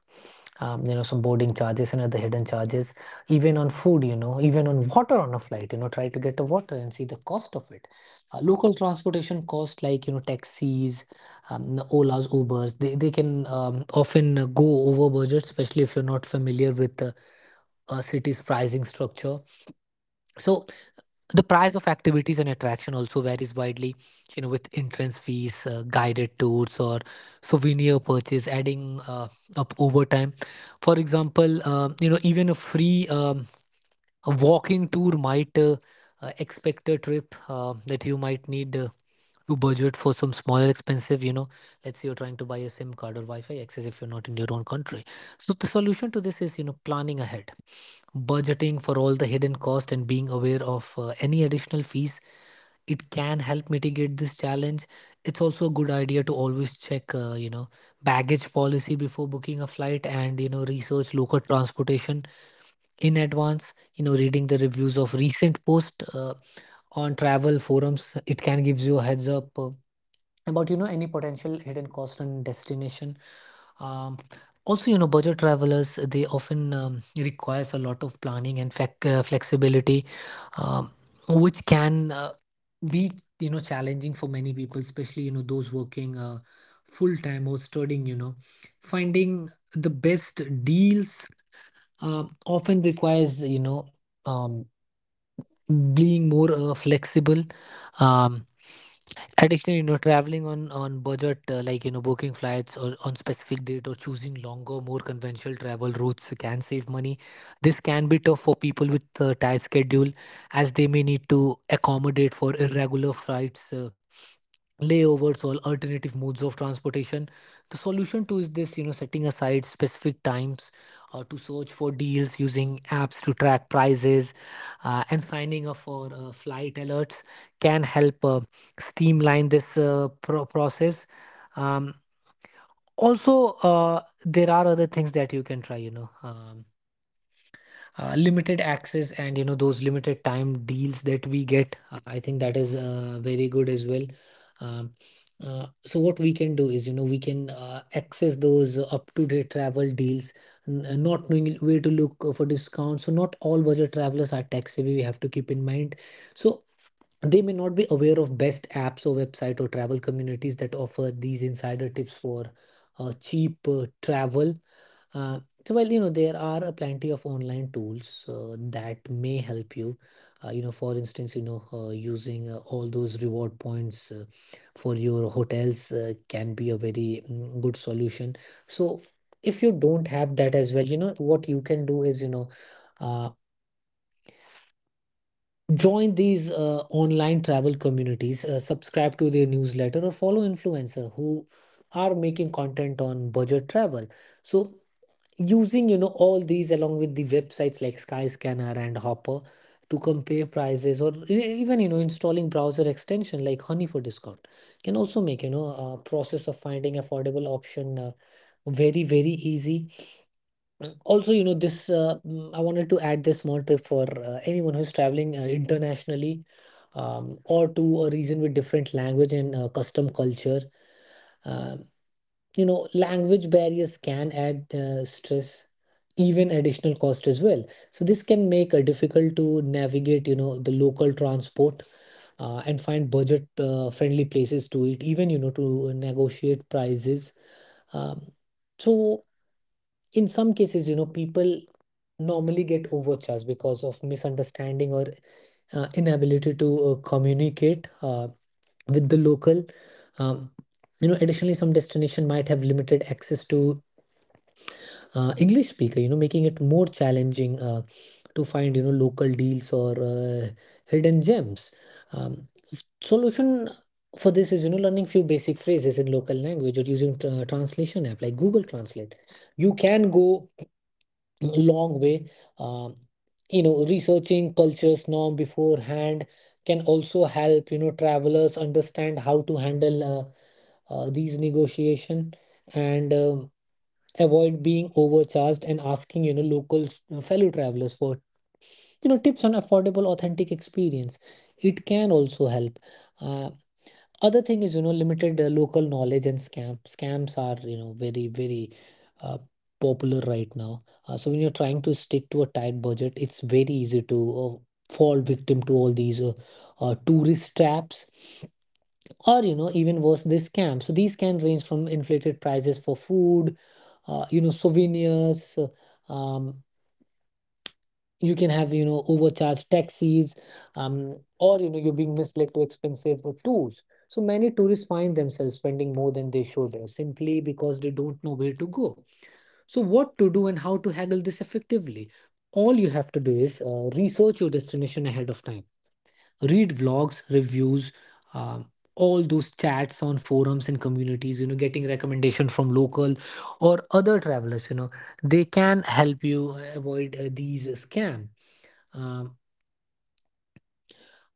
[SPEAKER 2] Some boarding charges and other hidden charges, even on food, even on water on a flight. Try to get the water and see the cost of it. Local transportation cost, like, taxis, Ola's, Ubers, they can often go over budget, especially if you're not familiar with a city's pricing structure. So the price of activities and attraction also varies widely, you know, with entrance fees, guided tours or souvenir purchase adding up over time. For example, you know, even a free walking tour might expect a trip that you might need to budget for some smaller expensive, you know, let's say you're trying to buy a sim card or wi-fi access if you're not in your own country. So the solution to this is, you know, planning ahead, budgeting for all the hidden cost and being aware of any additional fees. It can help mitigate this challenge. It's also a good idea to always check, you know, baggage policy before booking a flight, and you know, research local transportation in advance. You know, reading the reviews of recent posts on travel forums, it can give you a heads up about, you know, any potential hidden cost and destination. um, Also, you know, budget travelers, they often requires a lot of planning and flexibility, um, which can be, you know, challenging for many people, especially, you know, those working full time or studying. You know, finding the best deals often requires, you know, um, being more flexible. Um, Additionally, you know, traveling on budget, like, you know, booking flights or on specific date or choosing longer, more conventional travel routes can save money. This can be tough for people with tight schedule, as they may need to accommodate for irregular flights, layovers or alternative modes of transportation. The solution to is this, you know, setting aside specific times to search for deals, using apps to track prices, and signing up for flight alerts can help streamline this process. Um, Also, there are other things that you can try, you know. Limited access and, you know, those limited time deals that we get, I think that is very good as well. um, so what we can do is, you know, we can access those up to date travel deals. Not knowing where to look for discounts, so not all budget travelers are tech savvy, we have to keep in mind. So they may not be aware of best apps or website or travel communities that offer these insider tips for cheap travel. uh, so well, you know, there are plenty of online tools that may help you. You know, for instance, you know, using all those reward points for your hotels can be a very good solution. So if you don't have that as well, you know, what you can do is, you know, uh, join these online travel communities, subscribe to their newsletter, or follow influencer who are making content on budget travel. So using, you know, all these along with the websites like Skyscanner and Hopper to compare prices, or even, you know, installing browser extension like Honey for discount can also make, you know, a process of finding affordable option very very easy. Also, you know, this I wanted to add this small tip for anyone who's traveling internationally, or to a region with different language and custom culture. Um you know, language barriers can add stress, even additional cost as well. So this can make it difficult to navigate, you know, the local transport and find budget friendly places to eat, even, you know, to negotiate prices. um, so in some cases, you know, people normally get overcharged because of misunderstanding or inability to communicate with the local. um, you know, additionally, some destination might have limited access to English speaker, you know, making it more challenging to find, you know, local deals or hidden gems. Um, Solution for this is, you know, learning few basic phrases in local language or using translation app like Google Translate. You can go long way, um, you know, researching cultures norm beforehand can also help, you know, travelers understand how to handle these negotiation, and avoid being overcharged, and asking, you know, locals, fellow travelers for, you know, tips on affordable authentic experience, it can also help. uh, Other thing is, you know, limited local knowledge and scams are, you know, very very uh, popular right now. So when you're trying to stick to a tight budget, it's very easy to uh, fall victim to all these tourist traps, or you know, even worse, they scam. So these can range from inflated prices for food, you know, souvenirs. um, you can have, you know, overcharged taxis, or you know, you're being misled to expensive tours. So many tourists find themselves spending more than they should, simply because they don't know where to go, so what to do and how to haggle this effectively. All you have to do is research your destination ahead of time, read vlogs, reviews, um, all those chats on forums and communities. You know, getting recommendation from local or other travelers, you know, they can help you avoid these scam. Um,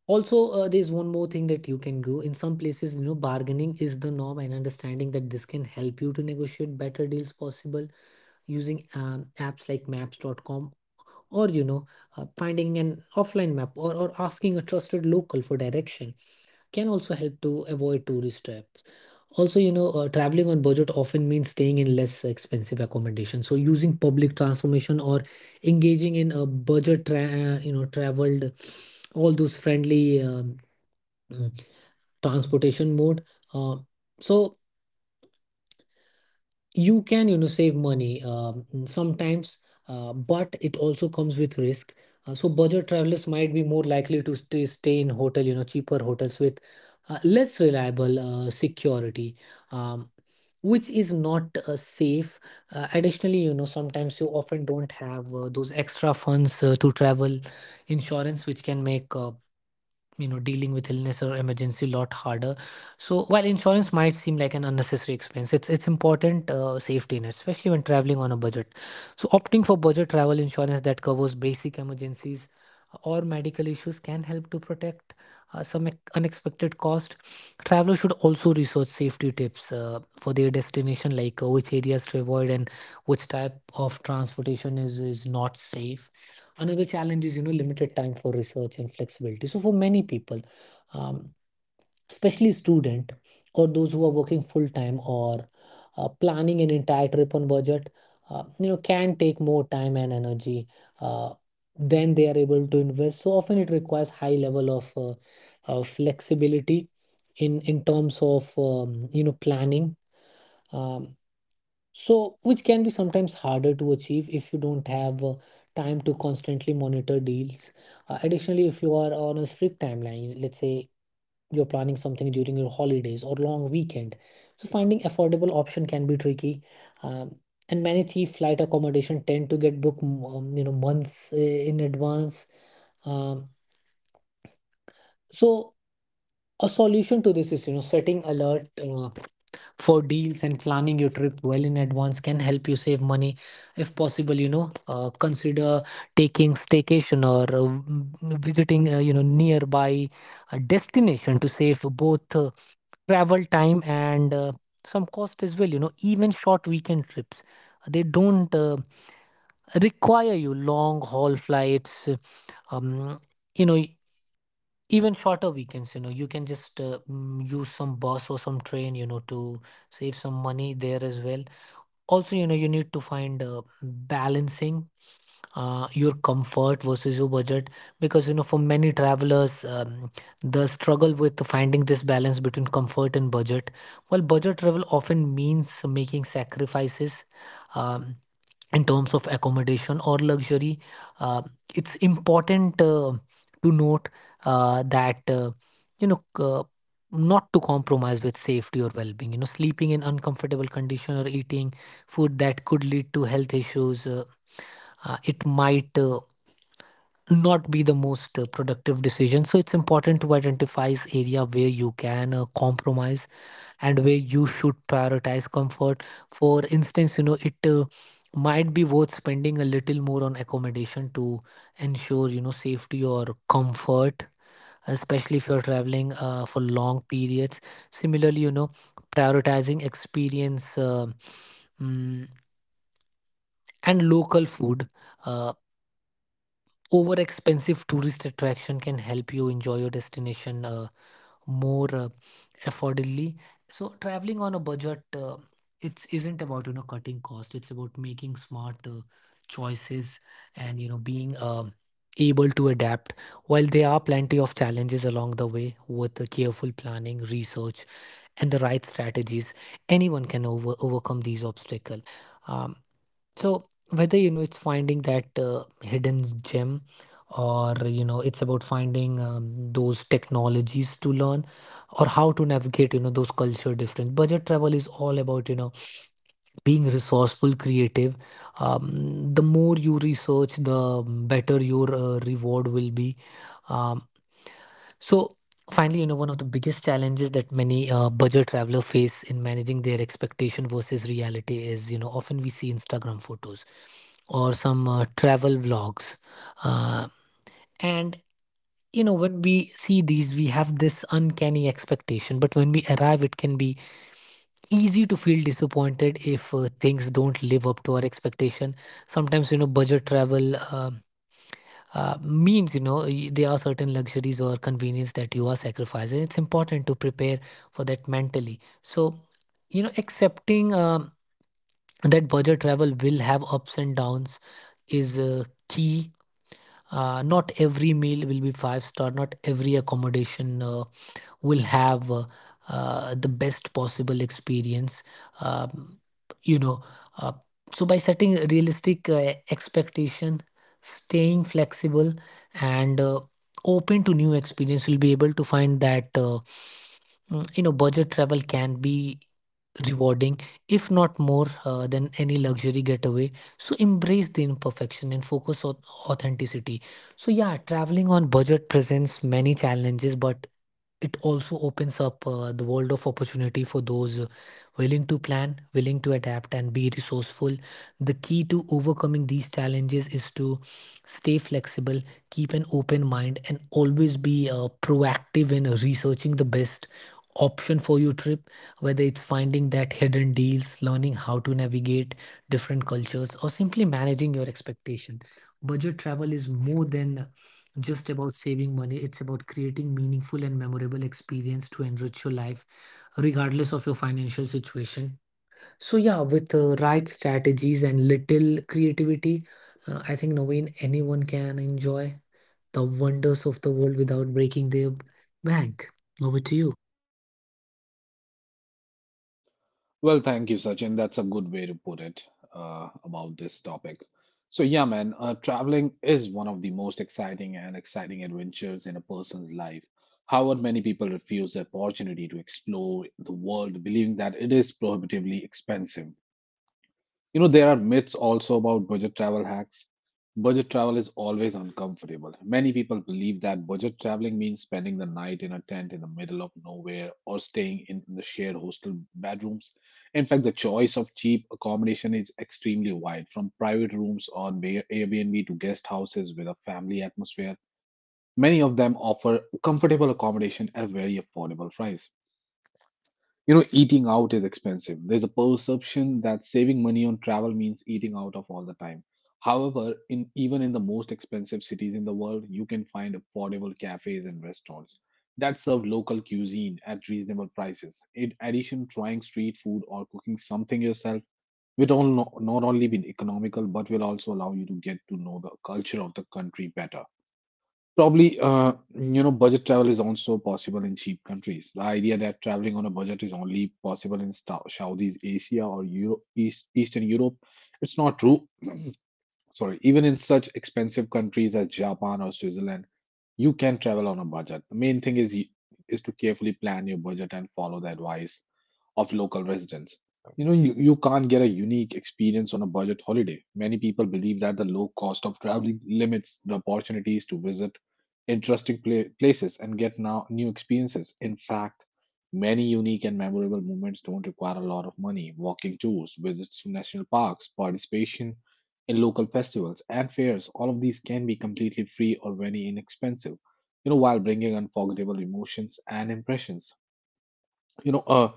[SPEAKER 2] Also, there's one more thing that you can do. In some places, you know, bargaining is the norm, and understanding that this can help you to negotiate better deals possible, using apps like maps.com or, you know, finding an offline map, or asking a trusted local for direction, can also help to avoid tourist traps. Also, you know, traveling on budget often means staying in less expensive accommodation. So, using public transportation or engaging in a budget, you know, traveled, all those friendly mm, transportation mode. Uh, so you can, you know, save money, sometimes, but it also comes with risk. So budget travelers might be more likely to stay in hotel, you know, cheaper hotels with less reliable security, um, which is not safe. Additionally, you know, sometimes you often don't have those extra funds to travel insurance, which can make you know, dealing with illness or emergency a lot harder. So while insurance might seem like an unnecessary expense, it's important safety net, especially when traveling on a budget. So opting for budget travel insurance that covers basic emergencies or medical issues can help to protect some ex- unexpected cost. Travelers should also research safety tips for their destination, like which areas to avoid and which type of transportation is not safe. Another challenge is, you know, limited time for research and flexibility. So for many people, um, especially student, or those who are working full time, or planning an entire trip on budget, you know, can take more time and energy uh, than they are able to invest. So often it requires high level of flexibility in terms of, you know, planning, um, so, which can be sometimes harder to achieve if you don't have time to constantly monitor deals. Additionally, if you are on a strict timeline, let's say you're planning something during your holidays or long weekend, so finding affordable option can be tricky. Um, and many cheap flight accommodation tend to get booked, you know, months in advance. Um, so a solution to this is, you know, setting alert for deals, and planning your trip well in advance can help you save money. If possible, you know, consider taking staycation or visiting, you know, nearby destination to save both travel time and some cost as well. You know, even short weekend trips, they don't require you long haul flights. um, you know, even shorter weekends, you know, you can just use some bus or some train, you know, to save some money there as well. Also, you know, you need to find balancing your comfort versus your budget. Because you know, for many travelers, the struggle with finding this balance between comfort and budget. Well, budget travel often means making sacrifices, um, in terms of accommodation or luxury. uh, it's important to note that, you know, not to compromise with safety or well-being. You know, sleeping in uncomfortable condition or eating food that could lead to health issues, it might not be the most productive decision. So it's important to identify is area where you can compromise, and where you should prioritize comfort. For instance, you know, it might be worth spending a little more on accommodation to ensure, you know, safety or comfort, especially if you're traveling for long periods. Similarly, you know, prioritizing experience, mm, and local food uh, overexpensive tourist attraction can help you enjoy your destination more affordably. So traveling on a budget, it isn't about, you know, cutting cost. It's about making smart choices, and you know, being able to adapt, while there are plenty of challenges along the way with the careful planning research and the right strategies anyone can overcome these obstacles. Um, so whether it's finding that hidden gem or it's about finding those technologies to learn, or how to navigate those culture difference. Budget travel is all about being resourceful, creative. The more you research, the better your reward will be. Um, so, finally, you know, one of the biggest challenges that many budget traveler face in managing their expectation versus reality is, you know, often we see Instagram photos or some travel vlogs. Uh, and, you know, when we see these, we have this uncanny expectation, but when we arrive, it can be easy to feel disappointed if things don't live up to our expectation. Sometimes, you know, budget travel means, you know, there are certain luxuries or convenience that you are sacrificing. It's important to prepare for that mentally. So, you know, accepting that budget travel will have ups and downs is key. Not every meal will be five star, not every accommodation will have the best possible experience. Um, you know uh, so by setting a realistic expectation, staying flexible, and open to new experience, we'll be able to find that you know, budget travel can be rewarding, if not more than any luxury getaway. So embrace the imperfection and focus on authenticity. So yeah, traveling on budget presents many challenges, but it also opens up the world of opportunity for those willing to plan, willing to adapt, and be resourceful. The key to overcoming these challenges is to stay flexible, keep an open mind, and always be proactive in researching the best option for your trip, whether it's finding that hidden deals, learning how to navigate different cultures, or simply managing your expectation. Budget travel is more than just about saving money. It's about creating meaningful and memorable experience to enrich your life, regardless of your financial situation. So yeah, with the right strategies and little creativity, I think Naveen, anyone can enjoy the wonders of the world without breaking their bank. Over to you.
[SPEAKER 1] Well, thank you, Sachin. That's a good way to put it about this topic. So, yeah, man, traveling is one of the most exciting adventures in a person's life. However, many people refuse the opportunity to explore the world, believing that it is prohibitively expensive. You know, there are myths also about budget travel hacks. Budget travel is always uncomfortable. Many people believe that budget traveling means spending the night in a tent in the middle of nowhere or staying in the shared hostel bedrooms. In fact, the choice of cheap accommodation is extremely wide, from private rooms on Airbnb to guest houses with a family atmosphere. Many of them offer comfortable accommodation at very affordable price. You know, eating out is expensive. There's a perception that saving money on travel means eating out of all the time. However, in even in the most expensive cities in the world, you can find affordable cafes and restaurants that serve local cuisine at reasonable prices. In addition, trying street food or cooking something yourself will all no- not only be economical but will also allow you to get to know the culture of the country better. Probably, budget travel is also possible in cheap countries. The idea that traveling on a budget is only possible in Southeast Asia or Eastern Europe, it's not true. Sorry, even in such expensive countries as Japan or Switzerland, you can travel on a budget. The main thing is to carefully plan your budget and follow the advice of local residents. You know, you can't get a unique experience on a budget holiday. Many people believe that the low cost of traveling limits the opportunities to visit interesting places and get now new experiences. In fact, many unique and memorable moments don't require a lot of money. Walking tours, visits to national parks, participation in local festivals and fairs, all of these can be completely free or very inexpensive, you know, while bringing unforgettable emotions and impressions. You know, uh,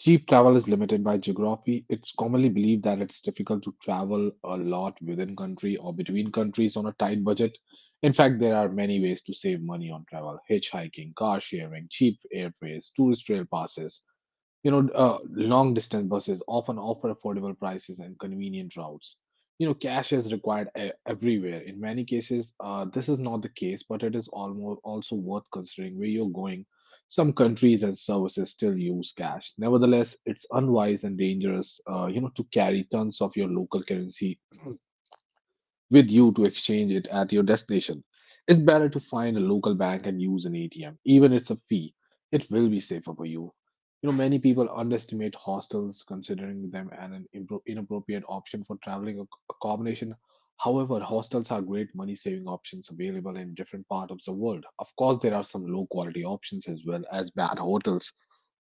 [SPEAKER 1] Cheap travel is limited by geography. It's commonly believed that it's difficult to travel a lot within country or between countries on a tight budget. In fact, there are many ways to save money on travel: hitchhiking, car sharing, cheap airfares, tourist rail passes, you know, long distance buses often offer affordable prices and convenient routes. You know, cash is required everywhere. In many cases, this is not the case, but it is almost also worth considering where you're going. Some countries and services still use cash. Nevertheless, it's unwise and dangerous, you know, to carry tons of your local currency with you to exchange it at your destination. It's better to find a local bank and use an ATM, even if it's a fee. It will be safer for you. You know, many people underestimate hostels, considering them an inappropriate option for traveling accommodation. However, hostels are great money-saving options available in different parts of the world. Of course, there are some low-quality options as well as bad hotels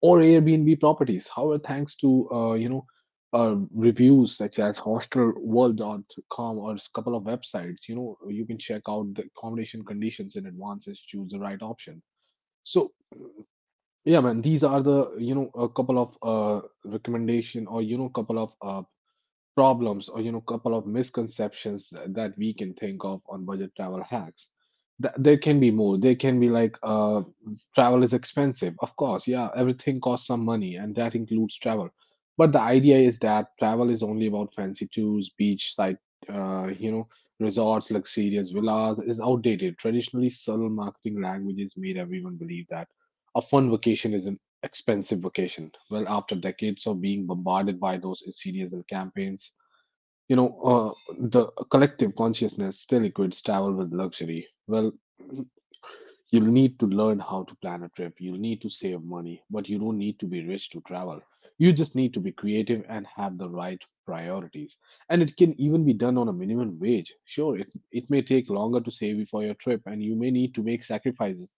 [SPEAKER 1] or Airbnb properties. However, thanks to you know reviews such as hostelworld.com or a couple of websites, you know, you can check out the accommodation conditions in advance and choose the right option. So yeah man, these are the, you know, a couple of recommendation, or you know, couple of problems, or you know, couple of misconceptions that we can think of on budget travel hacks. There can be more. There can be like travel is expensive, of course. Yeah, everything costs some money and that includes travel, but the idea is that travel is only about fancy tours, beachside, you know, resorts, luxurious villas is outdated. Traditionally subtle marketing languages made everyone believe that a fun vacation is an expensive vacation. Well, after decades of being bombarded by those series and campaigns, you know, the collective consciousness still equates travel with luxury. Well, you'll need to learn how to plan a trip. You'll need to save money, but you don't need to be rich to travel. You just need to be creative and have the right priorities. And it can even be done on a minimum wage. Sure, it may take longer to save for your trip and you may need to make sacrifices.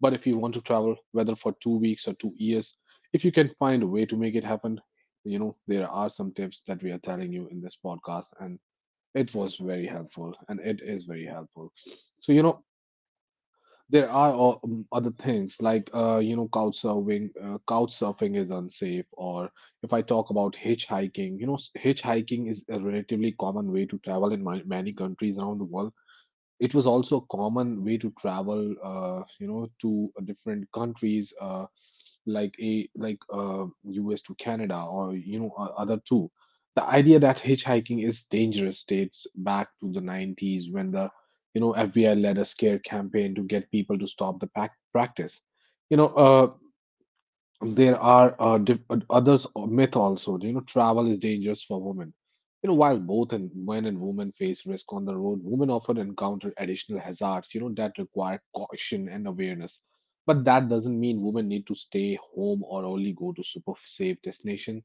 [SPEAKER 1] But if you want to travel, whether for 2 weeks or 2 years, if you can find a way to make it happen, you know, there are some tips that we are telling you in this podcast, and it was very helpful and it is very helpful. So, you know, there are other things like you know, couch surfing. Couch surfing is unsafe. Or if I talk about hitchhiking, you know, hitchhiking is a relatively common way to travel in many countries around the world. It was also a common way to travel, you know, to different countries, like US to Canada, or you know, other two. The idea that hitchhiking is dangerous dates back to the 90s, when the, you know, FBI led a scare campaign to get people to stop the practice. You know, there are, others, myth also. You know, travel is dangerous for women. You know, while both and men and women face risk on the road, women often encounter additional hazards, you know, that require caution and awareness. But that doesn't mean women need to stay home or only go to super safe destination.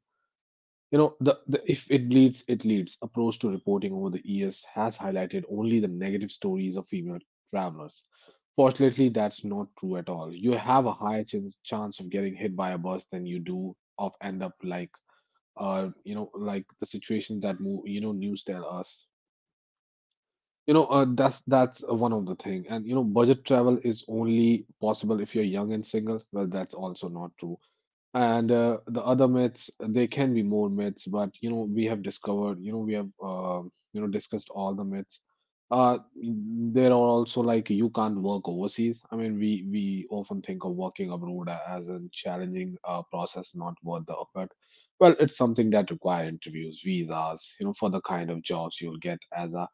[SPEAKER 1] You know, the if it bleeds, it leads approach to reporting over the years has highlighted only the negative stories of female travelers. Fortunately, that's not true at all. You have a higher chance of getting hit by a bus than you do of end up like, you know, like the situation that move. You know, news tell us. You know, that's one of the thing. And you know, budget travel is only possible if you're young and single. Well, that's also not true. And the other myths, there can be more myths, but you know, we have discovered, you know, we have discussed all the myths. There are also like you can't work overseas. I mean, we often think of working abroad as a challenging process, not worth the effort. Well, it's something that require interviews, visas, you know, for the kind of jobs you'll get as a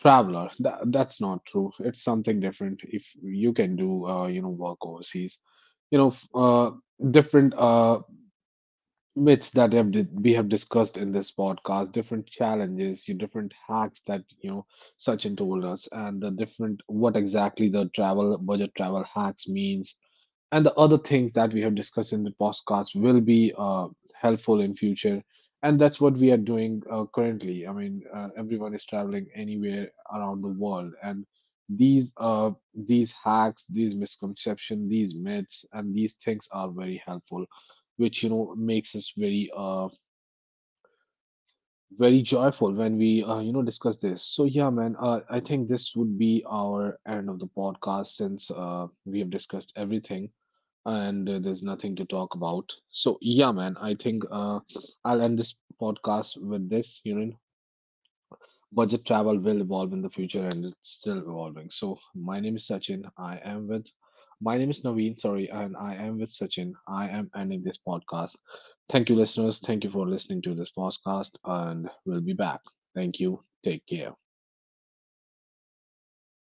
[SPEAKER 1] traveler. That's not true. It's something different if you can do, you know, work
[SPEAKER 2] Yeah,
[SPEAKER 1] overseas.
[SPEAKER 2] 100% agree
[SPEAKER 1] You know,
[SPEAKER 2] with it. You know, working in
[SPEAKER 1] different
[SPEAKER 2] overseas sometimes can be
[SPEAKER 1] myths
[SPEAKER 2] challenging,
[SPEAKER 1] that we have
[SPEAKER 2] especially, you know, if
[SPEAKER 1] discussed,
[SPEAKER 2] you see
[SPEAKER 1] cause different challenges, your
[SPEAKER 2] the
[SPEAKER 1] different
[SPEAKER 2] amount
[SPEAKER 1] hacks
[SPEAKER 2] of
[SPEAKER 1] Sachin told
[SPEAKER 2] include
[SPEAKER 1] us,
[SPEAKER 2] that you
[SPEAKER 1] and
[SPEAKER 2] have
[SPEAKER 1] the
[SPEAKER 2] to do.
[SPEAKER 1] different what
[SPEAKER 2] um,
[SPEAKER 1] exactly the
[SPEAKER 2] and I think, you
[SPEAKER 1] travel
[SPEAKER 2] know,
[SPEAKER 1] budget travel
[SPEAKER 2] for
[SPEAKER 1] hacks
[SPEAKER 2] instance, you know, in
[SPEAKER 1] means,
[SPEAKER 2] some countries it
[SPEAKER 1] and the
[SPEAKER 2] can be
[SPEAKER 1] other
[SPEAKER 2] easy
[SPEAKER 1] things
[SPEAKER 2] to
[SPEAKER 1] that we have discussed in the podcast will
[SPEAKER 2] live on.
[SPEAKER 1] be
[SPEAKER 2] So the key here is to
[SPEAKER 1] helpful in
[SPEAKER 2] self
[SPEAKER 1] future.
[SPEAKER 2] catering
[SPEAKER 1] And
[SPEAKER 2] or you
[SPEAKER 1] that's what
[SPEAKER 2] know
[SPEAKER 1] we are doing,
[SPEAKER 2] street food. So in
[SPEAKER 1] currently. I
[SPEAKER 2] many
[SPEAKER 1] mean,
[SPEAKER 2] places
[SPEAKER 1] everyone is traveling
[SPEAKER 2] around the
[SPEAKER 1] anywhere
[SPEAKER 2] world,
[SPEAKER 1] around the
[SPEAKER 2] and
[SPEAKER 1] world.
[SPEAKER 2] market
[SPEAKER 1] And
[SPEAKER 2] and street
[SPEAKER 1] these
[SPEAKER 2] vendors, you know, they
[SPEAKER 1] uh
[SPEAKER 2] offer
[SPEAKER 1] these
[SPEAKER 2] delicious meal,
[SPEAKER 1] hacks, these
[SPEAKER 2] so you know
[SPEAKER 1] misconceptions,
[SPEAKER 2] you can
[SPEAKER 1] these
[SPEAKER 2] try one
[SPEAKER 1] myths,
[SPEAKER 2] of those
[SPEAKER 1] and
[SPEAKER 2] as
[SPEAKER 1] these
[SPEAKER 2] well.
[SPEAKER 1] things are very
[SPEAKER 2] One of the
[SPEAKER 1] helpful,
[SPEAKER 2] toughest challenges
[SPEAKER 1] which you
[SPEAKER 2] I
[SPEAKER 1] know
[SPEAKER 2] feel is
[SPEAKER 1] makes us
[SPEAKER 2] like,
[SPEAKER 1] very
[SPEAKER 2] traveling and managing long term trips here.
[SPEAKER 1] very joyful when
[SPEAKER 2] um,
[SPEAKER 1] we, you know,
[SPEAKER 2] because
[SPEAKER 1] discuss.
[SPEAKER 2] uh,
[SPEAKER 1] So
[SPEAKER 2] the
[SPEAKER 1] yeah
[SPEAKER 2] more
[SPEAKER 1] man,
[SPEAKER 2] you see
[SPEAKER 1] I
[SPEAKER 2] it, you
[SPEAKER 1] think
[SPEAKER 2] know,
[SPEAKER 1] this would
[SPEAKER 2] we
[SPEAKER 1] be
[SPEAKER 2] are not
[SPEAKER 1] our
[SPEAKER 2] just taking a short vacation
[SPEAKER 1] podcast,
[SPEAKER 2] but
[SPEAKER 1] since
[SPEAKER 2] embarking an
[SPEAKER 1] we have discussed everything
[SPEAKER 2] external
[SPEAKER 1] and there's nothing to talk
[SPEAKER 2] journey.
[SPEAKER 1] about. So
[SPEAKER 2] So
[SPEAKER 1] yeah
[SPEAKER 2] when
[SPEAKER 1] man,
[SPEAKER 2] you
[SPEAKER 1] I
[SPEAKER 2] are on
[SPEAKER 1] think,
[SPEAKER 2] road for months,
[SPEAKER 1] I'll end
[SPEAKER 2] and
[SPEAKER 1] this
[SPEAKER 2] at times
[SPEAKER 1] podcast with this, you know,
[SPEAKER 2] unforeseen costs can also
[SPEAKER 1] budget
[SPEAKER 2] crop up.
[SPEAKER 1] travel will evolve in the
[SPEAKER 2] Uh,
[SPEAKER 1] future and it's
[SPEAKER 2] you know,
[SPEAKER 1] still
[SPEAKER 2] like
[SPEAKER 1] evolving. So
[SPEAKER 2] emergency
[SPEAKER 1] my name is
[SPEAKER 2] medical
[SPEAKER 1] Sachin, I
[SPEAKER 2] expense.
[SPEAKER 1] am with, my name is Naveen,
[SPEAKER 2] Mm,
[SPEAKER 1] sorry, and
[SPEAKER 2] it
[SPEAKER 1] I
[SPEAKER 2] could
[SPEAKER 1] am
[SPEAKER 2] be,
[SPEAKER 1] with Sam,
[SPEAKER 2] you know, losing your
[SPEAKER 1] ending.
[SPEAKER 2] valuable long-term travel.
[SPEAKER 1] Thank you
[SPEAKER 2] It
[SPEAKER 1] listeners,
[SPEAKER 2] can
[SPEAKER 1] thank
[SPEAKER 2] feel
[SPEAKER 1] you for listening to
[SPEAKER 2] overwhelming
[SPEAKER 1] this
[SPEAKER 2] because
[SPEAKER 1] podcast.
[SPEAKER 2] it
[SPEAKER 1] I'll
[SPEAKER 2] requires constant
[SPEAKER 1] be back.
[SPEAKER 2] adjustment.
[SPEAKER 1] Thank you. Take
[SPEAKER 2] um,
[SPEAKER 1] care.
[SPEAKER 2] so to make long-term travel more